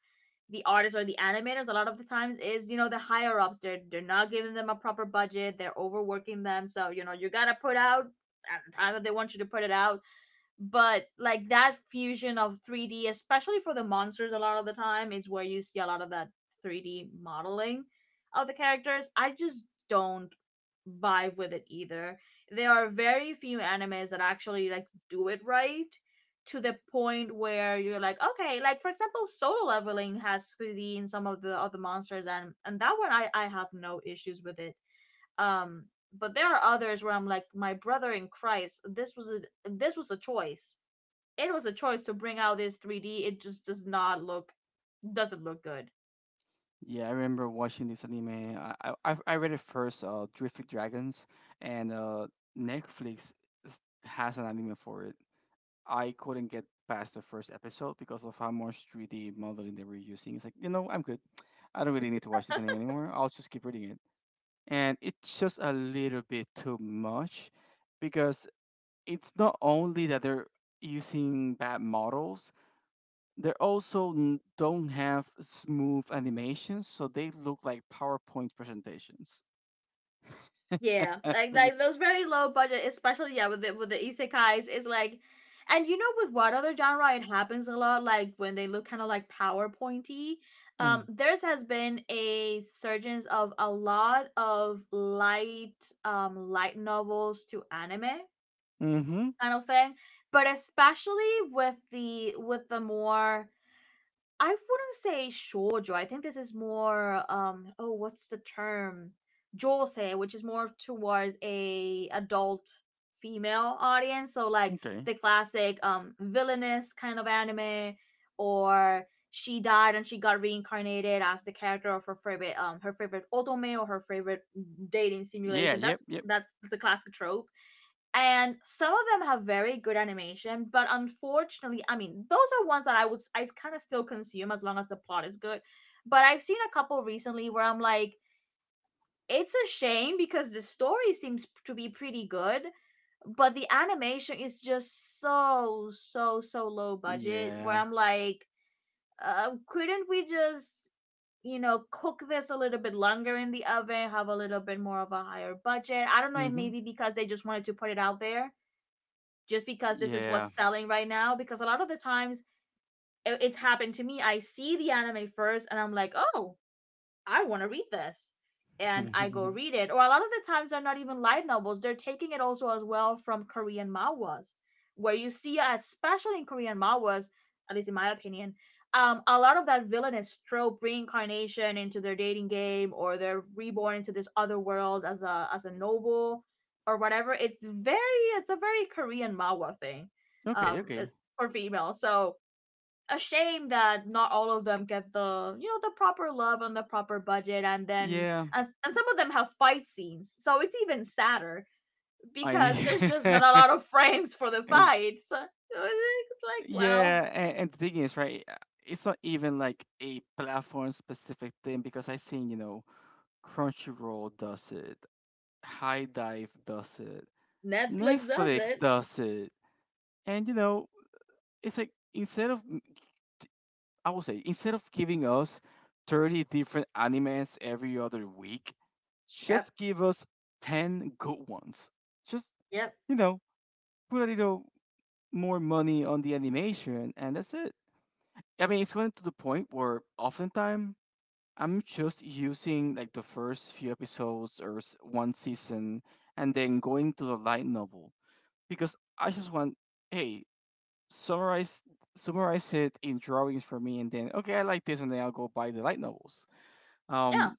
S1: the artists or the animators. A lot of the times is, you know, the higher ups, they're they're not giving them a proper budget, they're overworking them, so you know you gotta put out at the time that they want you to put it out. But like that fusion of three D, especially for the monsters, a lot of the time is where you see a lot of that three D modeling of the characters. I just don't vibe with it either. There are very few animes that actually like do it right to the point where you're like, okay, like for example, solo leveling has three D in some of the other monsters, and and that one I I have no issues with it. Um but there are others where I'm like, my brother in Christ, this was a this was a choice. It was a choice to bring out this three D. It just does not look, doesn't look good.
S2: Yeah, I remember watching this anime I I, I I read it first, uh Drifted Dragons, and uh Netflix s- has an anime for it. I couldn't get past the first episode because of how much three D modeling they were using. It's like, you know, I'm good. I don't really need to watch this anime anymore. I'll just keep reading it. And it's just a little bit too much, because it's not only that they're using bad models, they also n- don't have smooth animations, so they look like PowerPoint presentations.
S1: Yeah, Like
S2: Which,
S1: like those very low budget, especially yeah, with the with the isekais, is like, and you know with what other genre it happens a lot, like when they look kinda like PowerPointy. Um,
S2: mm,
S1: there's has been a surgence of a lot of light um light novels to anime
S2: hmm.
S1: kind of thing. But especially with the with the more, I wouldn't say shoujo. I think this is more um oh what's the term? Josei, which is more towards a adult female audience. So like
S2: Okay.
S1: the classic um villainous kind of anime, or she died and she got reincarnated as the character of her favorite um her favorite otome or her favorite dating
S2: Yeah.
S1: simulation.
S2: Yep.
S1: That's
S2: Yep.
S1: that's the classic trope, and some of them have very good animation but unfortunately, I mean those are ones that I would I kind of still consume as long as the plot is good. But I've seen a couple recently where I'm like, it's a shame because the story seems to be pretty good but the animation is just so so so low budget where
S2: Yeah.
S1: I'm like, uh, couldn't we just, you know, cook this a little bit longer in the oven, have a little bit more of a higher budget? I don't know if
S2: Mm-hmm.
S1: maybe because they just wanted to put it out there, just because this is
S2: Yeah.
S1: what's selling right now. Because a lot of the times i- it's happened to me. I see the anime first and I'm like, oh, I want to read this. And I go read it. Or a lot of the times they're not even light novels. They're taking it also as well from Korean manhwas, where you see, especially in Korean manhwas, at least in my opinion, um, a lot of that villainous trope reincarnation into their dating game, or they're reborn into this other world as a as a noble or whatever. It's very it's a very Korean manhwa thing,
S2: okay.
S1: um,
S2: Okay.
S1: for female. So a shame that not all of them get the you know the proper love on the proper budget and then
S2: Yeah.
S1: and, and some of them have fight scenes, so it's even sadder because there's just not
S2: I.
S1: a lot of frames for the
S2: it's-
S1: fights, so it's like, well,
S2: yeah. And, and the thing is, right? uh, It's not even like a platform-specific thing, because I seen, you know, Crunchyroll does it. High Dive does it.
S1: Netflix does
S2: Netflix
S1: it.
S2: does it. And you know, it's like, instead of, I would say, instead of giving us thirty different animes every other week,
S1: Yep.
S2: just give us ten good ones. Just,
S1: Yep.
S2: you know, put a little more money on the animation, and that's it. I mean, it's going to the point where oftentimes I'm just using like the first few episodes or s- one season and then going to the light novel because I just want, hey, summarize summarize it in drawings for me, and then okay, I like this, and then I'll go buy the light novels.
S1: Yeah.
S2: Um,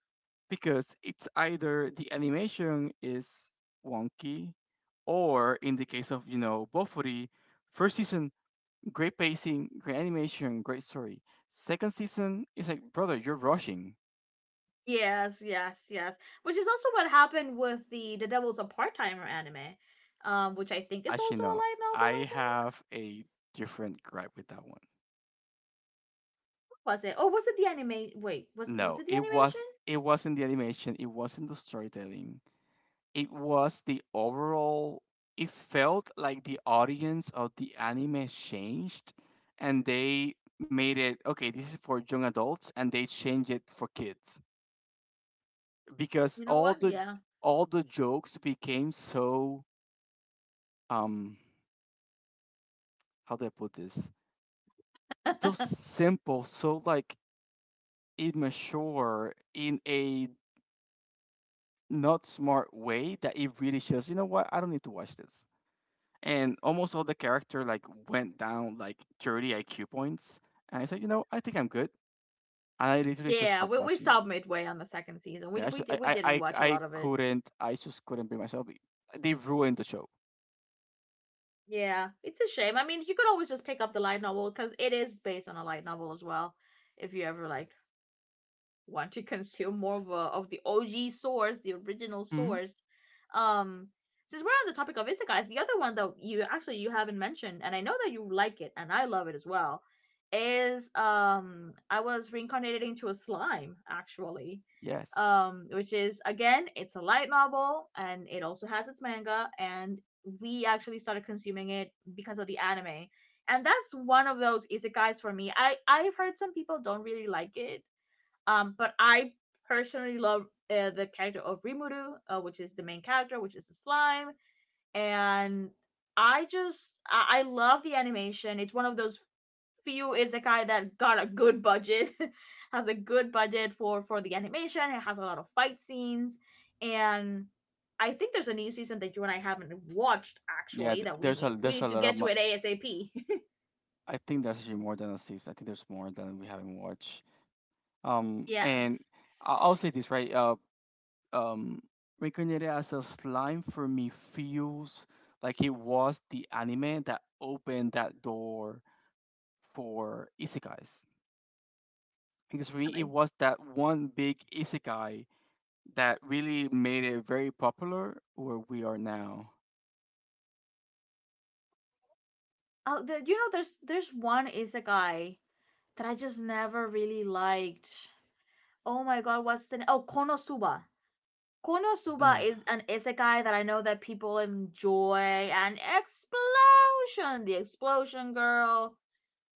S2: because it's either the animation is wonky, or in the case of you know Bofuri, first season great pacing, great animation, great story. Second season is like brother, you're rushing.
S1: Yes yes yes which is also what happened with the the Devil's a Part-Timer anime. Um which I think is
S2: Actually,
S1: also a
S2: no,
S1: light novel, I
S2: I
S1: think.
S2: have a different gripe with that one.
S1: Was it, oh, was it the anime? Wait, was was
S2: No,
S1: it the
S2: it
S1: animation?
S2: was it wasn't the animation, it wasn't the storytelling. It was the overall it felt like the audience of the anime changed, and they made it okay this is for young adults and they changed it for kids because
S1: You know
S2: all
S1: what,
S2: the
S1: yeah.
S2: all the jokes became so um how do I put this, so simple, so like immature in a not smart way that it really shows you know what I don't need to watch this. And almost all the character like went down like thirty I Q points. And I said, you know, I think I'm good. And I literally just
S1: Yeah,
S2: stopped
S1: we we
S2: watching it.
S1: stopped midway on the second season. We
S2: Yeah, I,
S1: we
S2: should,
S1: did
S2: I,
S1: we
S2: I,
S1: didn't
S2: I,
S1: watch a
S2: I
S1: lot of it.
S2: couldn't, I just couldn't bring myself. They ruined the show.
S1: Yeah, it's a shame. I mean, you could always just pick up the light novel because it is based on a light novel as well. If you ever like want to consume more of, uh, of the O G source, the original
S2: Hmm.
S1: source. Um, since we're on the topic of isekais, the other one that you actually you haven't mentioned, and I know that you like it, and I love it as well, is um I Was Reincarnated Into a Slime, actually.
S2: Yes.
S1: Um which is, again, it's a light novel and it also has its manga, and we actually started consuming it because of the anime. And that's one of those isekais for me. I I've heard some people don't really like it, um, but I personally love, uh, the character of Rimuru, uh, which is the main character, which is the slime, and I just I, I love the animation. It's one of those few isekai that got a good budget, has a good budget for for the animation. It has a lot of fight scenes, and I think there's a new season that you and I haven't watched,
S2: Yeah,
S1: actually,
S2: th-
S1: that we
S2: there's
S1: need
S2: a
S1: we
S2: there's a
S1: need to
S2: lot of.
S1: get to
S2: mo-
S1: it ASAP.
S2: I think there's actually more than a season. I think there's more than we haven't watched. Um,
S1: Yeah,
S2: and I- I'll say this right. Uh, um, Reincarnated as a slime for me feels like it was the anime that opened that door for isekais because for me it
S1: really.
S2: was that one big isekai that really made it very popular where we are now.
S1: Oh, the, you know, there's there's one isekai that I just never really liked. Oh my god, what's the name? oh Konosuba? Konosuba
S2: Ugh.
S1: is an isekai that I know that people enjoy. And Explosion, the explosion girl.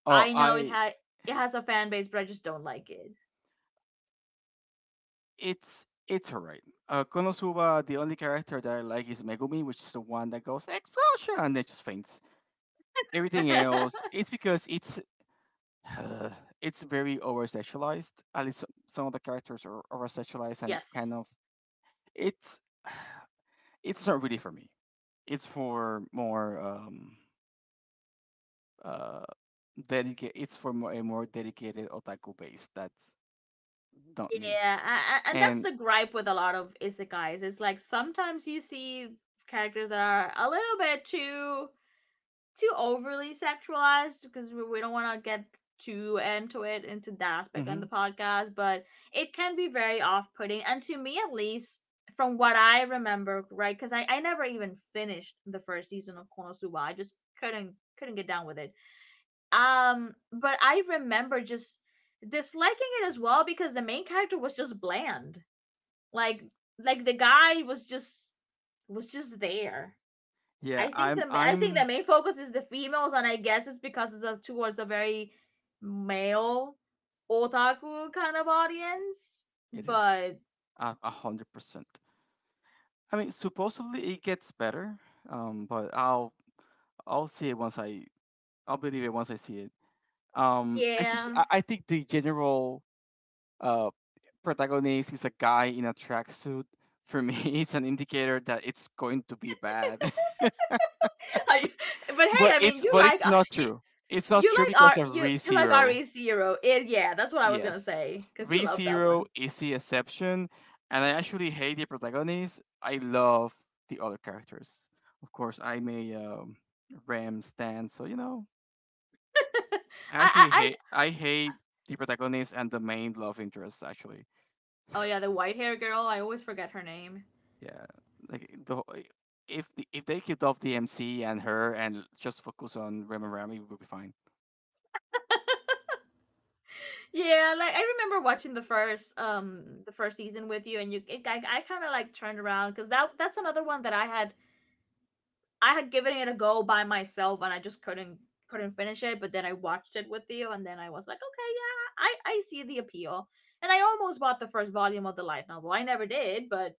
S2: Oh,
S1: I know it
S2: I
S1: had, it has a fan base, but I just don't like it.
S2: it's it's alright. Uh, Konosuba, the only character that I like is Megumi, which is the one that goes explosion and then just faints. Everything else, it's because it's it's very over sexualized. At least some of the characters are over sexualized and kind
S1: Yes.
S2: of it's it's not really for me. It's for more um uh dedicate it's for more, a more dedicated otaku base that's not me
S1: Yeah, a- a- and that's
S2: and.
S1: the gripe with a lot of isekais. It's like sometimes you see characters that are a little bit too, too overly sexualized because we don't want to get too into it, into that aspect on the
S2: Hmm.
S1: podcast, but it can be very off-putting, and to me, at least, from what I remember, right? Because I, I never even finished the first season of Konosuba. I just couldn't couldn't get down with it. Um but I remember just disliking it as well because the main character was just bland. like like the guy was just, was just there. I
S2: yeah
S1: think the
S2: i'm
S1: I think the
S2: i'm
S1: main focus is the females, and I guess it's because it's a, towards a very male otaku kind of audience.
S2: It is
S1: But
S2: a a hundred percent. I mean supposedly it gets better, um but i'll i'll see it once i I'll believe it once I see it. um i just
S1: yeah,
S2: i, I think the general uh protagonist is a guy in a tracksuit for me. it's an indicator that it's going to be bad.
S1: but hey,
S2: but
S1: I mean,
S2: it's
S1: you
S2: but
S1: like,
S2: it's
S1: uh,
S2: not
S1: you
S2: true, it's not
S1: you
S2: true
S1: like
S2: because
S1: R
S2: of
S1: you you like
S2: ReZero.
S1: R E Zero. It, yeah, that's what I was gonna
S2: Yes.
S1: say because you love that
S2: ReZero
S1: one.
S2: is the exception, and I actually hate the protagonist. I love the other characters. Of course, I'm a um, Ram stan, so you know, I
S1: I, I
S2: actually
S1: I
S2: hate. I hate the protagonist and the main love interest. Actually,
S1: Oh yeah, the white hair girl. I always forget her name.
S2: yeah. Like the wh- if the, if they kicked off the M C and her and just focus on Ram and Ram, it would be fine.
S1: Yeah, like I remember watching the first, um the first season with you, and you it, I I kind of like turned around because that, that's another one that I had, I had given it a go by myself and I just couldn't couldn't finish it, but then I watched it with you and then I was like, okay, yeah, I I see the appeal. And I almost bought the first volume of the light novel. I never did, but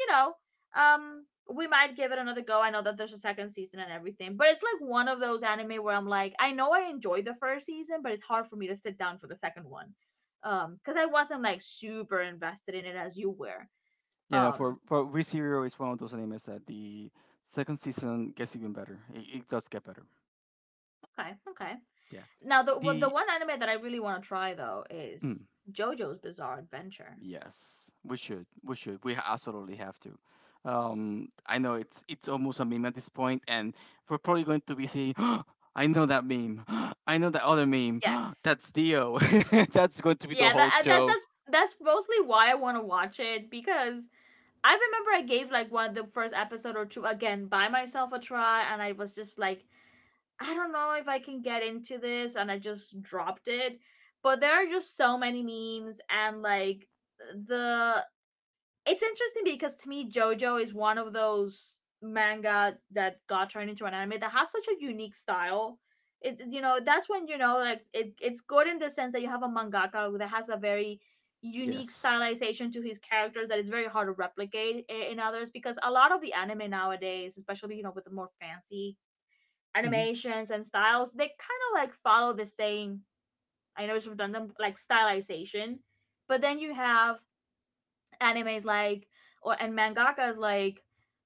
S1: you know, um we might give it another go. I know that there's a second season and everything, but it's like one of those anime where I'm like, I know I enjoyed the first season, but it's hard for me to sit down for the second one. Um, because I wasn't like super invested in it as you were.
S2: You know, for
S1: Um,
S2: for ReZero is one of those animes that the second season gets even better. It, it does get better.
S1: okay, okay.
S2: Yeah
S1: Now the, well, the
S2: the.
S1: one anime that I really want to try though is
S2: Mm,
S1: JoJo's Bizarre Adventure.
S2: yes, we should. We should. We absolutely have to. Um, I know it's it's almost a meme at this point, and we're probably going to be seeing. I know that meme. I know that other meme.
S1: Yes.
S2: That's Dio. That's going to be the
S1: Yeah,
S2: whole
S1: that that
S2: show.
S1: that's that's mostly why I want to watch it because I remember I gave like one of the first episode or two again by myself a try and I was just like, I don't know if I can get into this, and I just dropped it. But there are just so many memes and like, the, it's interesting because to me JoJo is one of those manga that got turned into an anime that has such a unique style. It, you know, that's when you know, like, it, it's good in the sense that you have a mangaka that has a very unique
S2: Yes.
S1: stylization to his characters that is very hard to replicate in, in others, because a lot of the anime nowadays, especially, you know, with the more fancy
S2: Hmm.
S1: animations and styles, they kind of like follow the same, I know it's redundant, like stylization, but then you have animes like, or, and mangakas like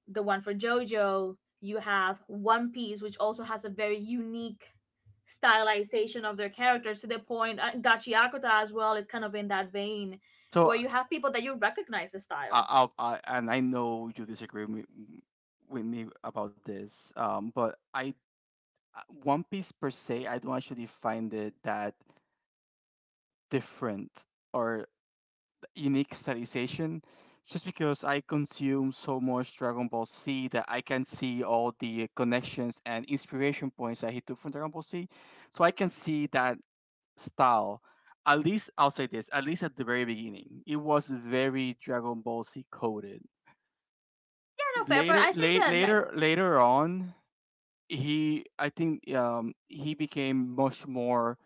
S1: the one for JoJo, you have One Piece, which also has a very unique stylization of their characters, to the point, uh, Gachi Akuta as well is kind of in that vein where
S2: So
S1: you have people that you recognize the style.
S2: I, I, I, and I know you disagree with, with me about this. Um, but I, uh, One Piece per se, I don't actually find it that different. Or unique stylization, just because I consume so much Dragon Ball Z that I can see all the connections and inspiration points that he took from Dragon Ball Z. So I can see that style. At least I'll say this, at least at the very beginning, it was very Dragon Ball Z coded.
S1: I don't know, fair, but
S2: Later
S1: I think
S2: late,
S1: that, that—
S2: later later on, he I think um he became much more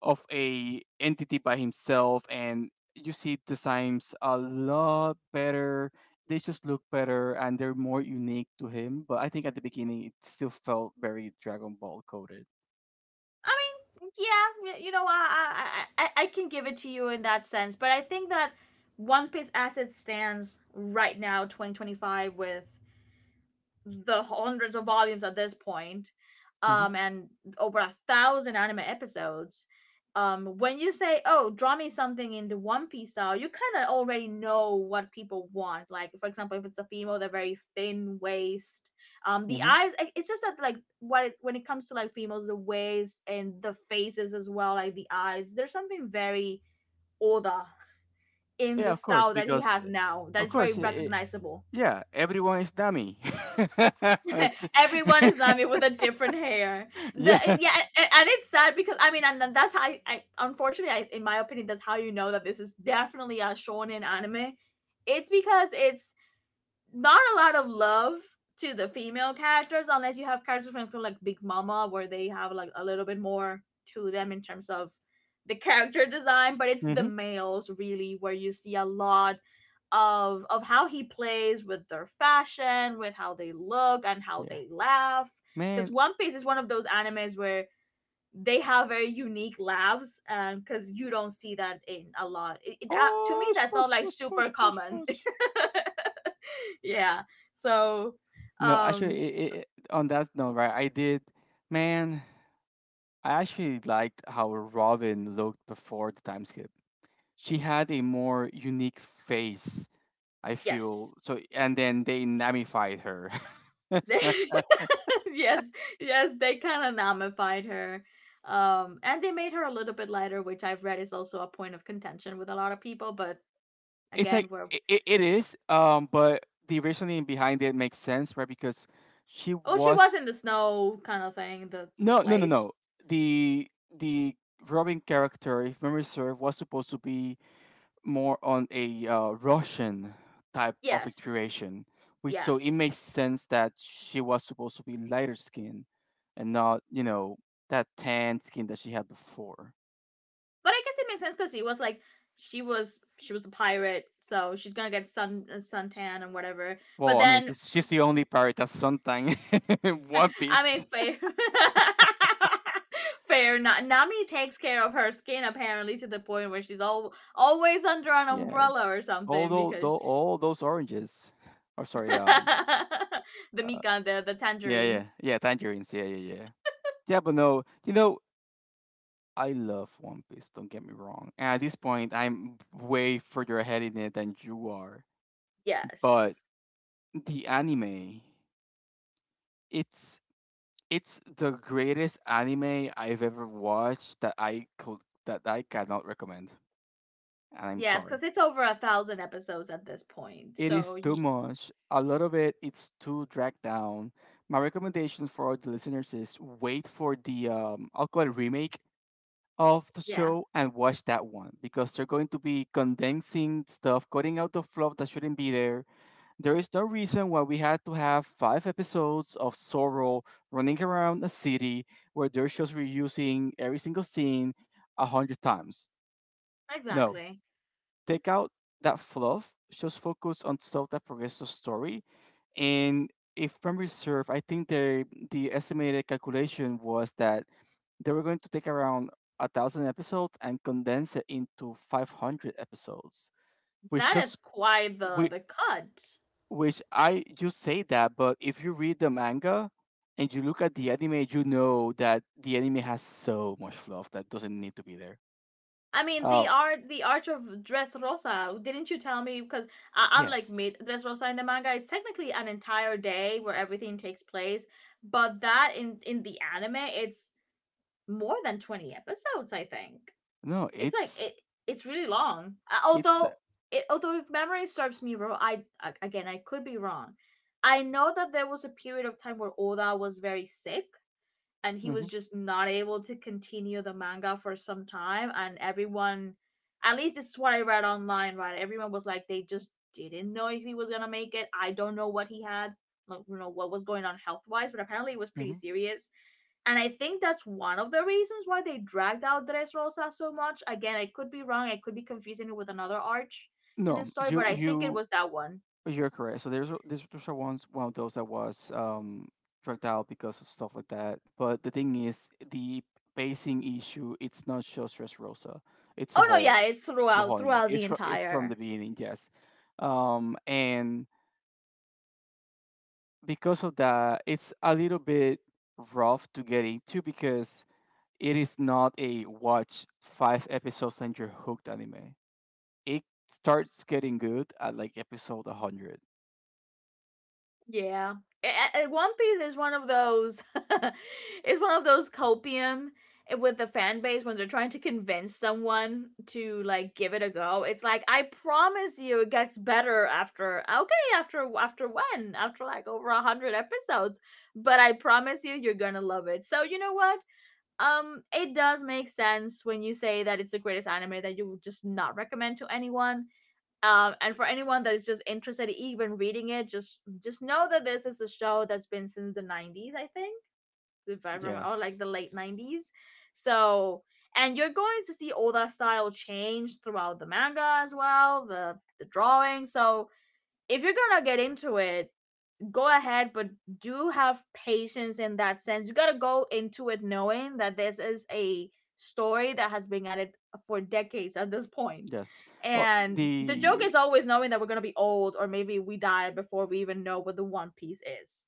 S2: of a entity by himself, and you see designs a lot better, they just look better and they're more unique to him, but I think at the beginning it still felt very Dragon Ball coded.
S1: I mean, yeah, y- you know, I, I I I can give it to you in that sense, but I think that One Piece as it stands right now, twenty twenty-five, with the hundreds of volumes at this point,
S2: Hmm.
S1: um, and over a thousand anime episodes. Um, when you say, "Oh, draw me something in the One Piece style," you kind of already know what people want. Like, for example, if it's a female, they're very thin waist. Um, the
S2: Hmm.
S1: eyes. i- It's just that, like, what it, when it comes to like females, the waist and the faces as well, like the eyes. There's something very Oda in
S2: Yeah
S1: the
S2: of course
S1: style that he
S2: because
S1: has now that
S2: of
S1: is very
S2: course it, it,
S1: recognizable.
S2: yeah everyone is dummy. It's-
S1: Everyone is Nami with a different hair. The eh, yeah,
S2: yes.
S1: and, and it's sad because, I mean, and that's how I, I unfortunately, I, in my opinion, that's how you know that this is definitely a shonen anime. It's because it's not a lot of love to the female characters unless you have characters from, from like Big Mama, where they have like a little bit more to them in terms of the character design, but it's the
S2: Hmm.
S1: males really where you see a lot of of how he plays with their fashion, with how they look and how
S2: Yeah.
S1: they laugh. Because
S2: Man.
S1: One Piece is one of those animes where they have very unique laughs, and because you don't see that in a lot. It, it, uh, to me,
S2: Push
S1: that's
S2: push
S1: not like
S2: push push
S1: super
S2: push
S1: common.
S2: push.
S1: Yeah. So,
S2: No actually
S1: um,
S2: it, it, on that note right I did. Man. I actually liked how Robin looked before the time skip. She had a more unique face, I
S1: yes,
S2: feel. So and then they namified her.
S1: they, yes, yes, they kind of nullified her, um, and they made her a little bit lighter, which I've read is also a point of contention with a lot of people. But
S2: It's
S1: again,
S2: like
S1: we're,
S2: it, it is, um, but the reasoning behind it makes sense, right? Because she
S1: oh, she was
S2: was
S1: in the snow kind of thing, the the
S2: no, no, no,
S1: place.
S2: no. The the Robin character, if memory serve, was supposed to be more on a uh, Russian type of
S1: Yes,
S2: exploration, which so it makes
S1: yes,
S2: sense that she was supposed to be lighter skinned and not, you know, that tan skin that she had before.
S1: but I guess it makes sense because she was like, she was she was a pirate, so she's gonna get sun, uh, suntan and whatever. But
S2: Well, I mean,
S1: then,
S2: she's, she's the only pirate that's something in One
S1: I mean,
S2: Piece.
S1: fair. Fair. Na- Nami takes care of her skin, apparently, to the point where she's all- always under an
S2: Yeah,
S1: umbrella or something,
S2: although
S1: because
S2: though all those oranges, or sorry, um,
S1: the
S2: uh,
S1: Mikan, the the
S2: yeah, yeah,
S1: tangerines.
S2: yeah, tangerines. Yeah, yeah, yeah. Yeah, but no, you know, I love One Piece, don't get me wrong. And at this point, I'm way further ahead in it than you are. But
S1: Yes.
S2: the anime, it's it's the greatest anime I've ever watched that I could that I cannot recommend. And I'm
S1: Yes,
S2: sorry.
S1: because it's over a thousand episodes at this point.
S2: It
S1: So
S2: is too
S1: y-
S2: much. A lot of it it's too dragged down. My recommendation for all the listeners is wait for the um I'll call it remake of the
S1: yeah,
S2: show and watch that one because they're going to be condensing stuff, cutting out the fluff that shouldn't be there. There is no reason why we had to have five episodes of Sorrow running around a city where they're just reusing every single scene a hundred times. No,
S1: exactly.
S2: take out that fluff, just focus on stuff that progresses the story and if memory serve, I think the the estimated calculation was that they were going to take around a thousand episodes and condense it into five hundred episodes, which
S1: That is
S2: just
S1: quite the
S2: which,
S1: the cut.
S2: which I you say that, but if you read the manga and you look at the anime, you know that the anime has so much fluff that doesn't need to be there.
S1: I mean, the
S2: Um,
S1: art, the art of Dressrosa. Didn't you tell me? Because I am like
S2: yes,
S1: mid Dressrosa in the manga. It's technically an entire day where everything takes place, but that, in in the anime, it's more than twenty episodes. I think
S2: no,
S1: it's like
S2: it's
S1: it. It's really long. Uh,
S2: it's
S1: Although,
S2: uh,
S1: it, although if memory serves me wrong, I, again, I could be wrong. I know that there was a period of time where Oda was very sick, and he was
S2: mhm,
S1: just not able to continue the manga for some time, and everyone, at least this is what I read online, right? Everyone was like, they just didn't know if he was gonna make it. I don't know what he had, like, you know, what was going on health wise, but apparently it was pretty
S2: mhm.
S1: serious. And I think that's one of the reasons why they dragged out Dressrosa so much. Again, I could be wrong. I could be confusing it with another arch in the
S2: no,
S1: story, but
S2: you
S1: I think it
S2: you
S1: was that one.
S2: You're correct. So there's a- there's there's a ones one of those that was um dragged out because of stuff like that. But the thing is, the pacing issue. It's not just Dressrosa. It's a
S1: Oh no, yeah,
S2: whole
S1: it's
S2: the
S1: throughout,
S2: whole anime.
S1: throughout
S2: It's
S1: the
S2: from it, from the
S1: entire—
S2: beginning. Yes. Um and because of that, it's a little bit rough to get into because it is not a watch five episodes and you're hooked anime. It starts getting good at like episode a hundred.
S1: Yeah. A- a- One Piece is one of those is one of those copium, eh, with the fan base, when they're trying to convince someone to like give it a go. It's like, I promise you it gets better after, okay, after, after when? After like over a hundred episodes. But I promise you you're gonna love it. So you know what? Um it does make sense when you say that it's the greatest anime that you would just not recommend to anyone, um, and for anyone that is just interested even reading it, just just know that this is a show that's been since the nineties, I think, if I remember, or like
S2: Yes.
S1: the late nineties. So, and you're going to see all that style change throughout the manga as well, the the drawing. So, if you're gonna get into it, go ahead, but do have patience. In that sense, you got to go into it knowing that this is a story that has been at it for decades at this point,
S2: Yes. Oh,
S1: and the joke
S2: the
S1: is always knowing that we're going to be old or maybe we die before we even know what the one piece is.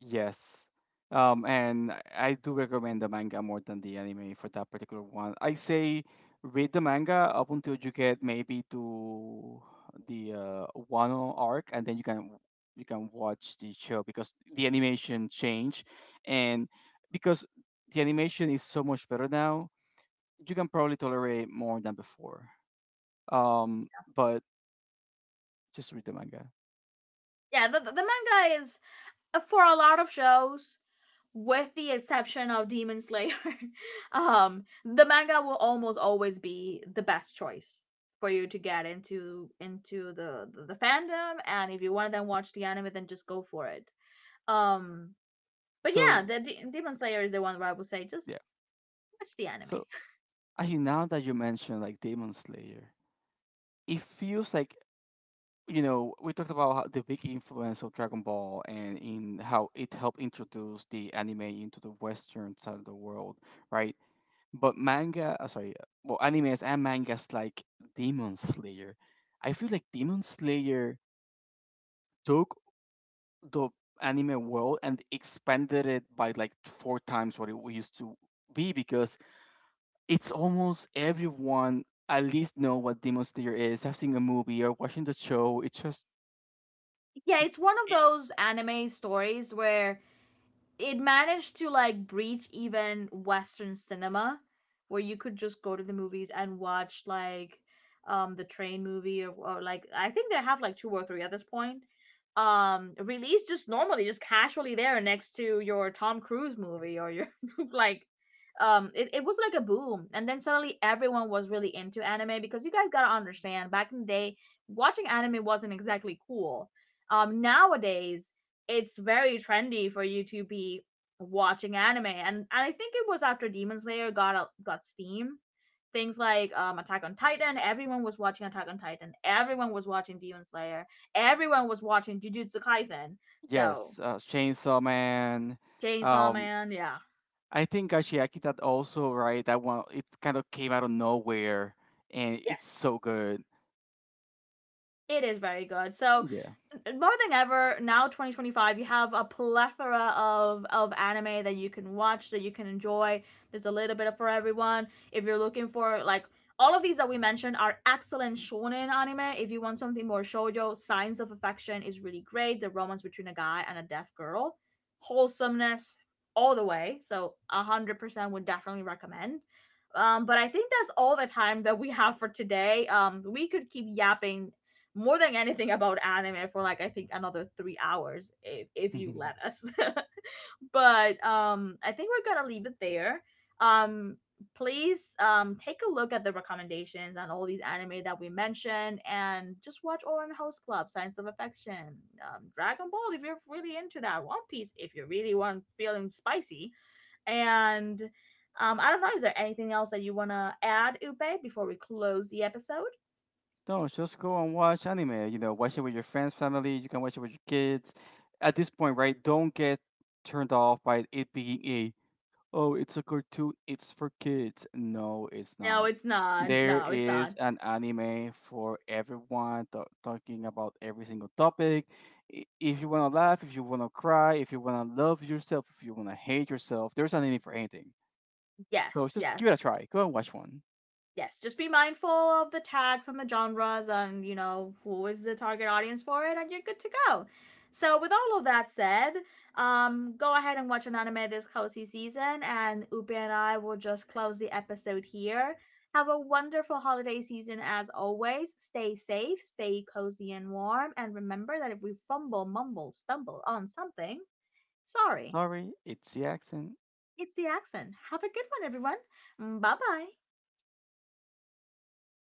S2: yes. Um, and I I do recommend the manga more than the anime for that particular one. I say read the manga up until you get maybe to the uh, Wano arc, and then you can you can watch the show because the animation change, and because the animation is so much better now, you can probably tolerate more than before. Um, but just read the manga.
S1: Yeah, the, the manga is, uh, for a lot of shows, with the exception of Demon Slayer, um, the manga will almost always be the best choice for you to get into into the the, the fandom. And if you want to then watch the anime, then just go for it. Um, but yeah,
S2: So
S1: the D- Demon Slayer is the one where I would say
S2: yeah.
S1: just watch the anime.
S2: So, actually, now that you mention like Demon Slayer, it feels like you know we talked about how the big influence of Dragon Ball and in how it helped introduce the anime into the Western side of the world, right? But manga, uh, sorry, well, animes and mangas like Demon Slayer, I feel like Demon Slayer took the anime world and expanded it by like four times what it used to be because it's almost everyone at least know what Demon Slayer is. Have seen a movie or watching the show. It just
S1: Yeah, it's one of
S2: it,
S1: those anime stories where it managed to like breach even western cinema, where you could just go to the movies and watch like um the train movie, or, or like I think they have like two or three at this point, um released just normally, just casually there next to your Tom Cruise movie or your like. Um it, it was like a boom, and then suddenly everyone was really into anime, because you guys gotta understand, back in the day watching anime wasn't exactly cool. Um nowadays it's very trendy for you to be watching anime, and, and I think it was after Demon Slayer got got steam, things like um Attack on Titan. Everyone was watching Attack on Titan, everyone was watching Demon Slayer, everyone was watching Jujutsu Kaisen. So,
S2: yes, uh, Chainsaw Man.
S1: Chainsaw
S2: Um,
S1: Man, yeah.
S2: I think Gashiaki that also right. That one it kind of came out of nowhere, and it's
S1: Yes,
S2: so good.
S1: it is very good. So,
S2: Yeah.
S1: more than ever, now twenty twenty-five, you have a plethora of of anime that you can watch, that you can enjoy. There's a little bit of for everyone. If you're looking for like, all of these that we mentioned are excellent shonen anime. If you want something more shoujo, Signs of Affection is really great, the romance between a guy and a deaf girl. Wholesomeness all the way, so one hundred percent would definitely recommend. um, but I think that's all the time that we have for today. Um, we could keep yapping more than anything about anime for like, I think, another three hours if if you let us. But um, I think we're gonna leave it there. Um, please um take a look at the recommendations and all these anime that we mentioned, and just watch Orange House Club, Science of Affection, um, Dragon Ball if you're really into that, One Piece if you really want feeling spicy, and um, I don't know. Is there anything else that you wanna add, Upe, before we close the episode?
S2: no, just go and watch anime. You know, watch it with your friends, family. You can watch it with your kids. At this point, right? Don't get turned off by it being a oh, it's a cartoon. It's for kids. No, it's
S1: No,
S2: not.
S1: it's not.
S2: There
S1: No, it's
S2: is
S1: not.
S2: an anime for everyone ta- talking about every single topic. I- If you want to laugh, if you want to cry, if you want to love yourself, if you want to hate yourself, there's an anime for anything. So
S1: Yes,
S2: just give it
S1: yes,
S2: a try. Go and watch one.
S1: yes. Just be mindful of the tags and the genres, and, you know, who is the target audience for it, and you're good to go. So, with all of that said, um, go ahead and watch an anime this cozy season, and Upi and I will just close the episode here. Have a wonderful holiday season, as always. Stay safe, stay cozy and warm, and remember that if we fumble, mumble, stumble on something, sorry,
S2: Sorry, it's the accent.
S1: it's the accent. Have a good one, everyone. Bye bye.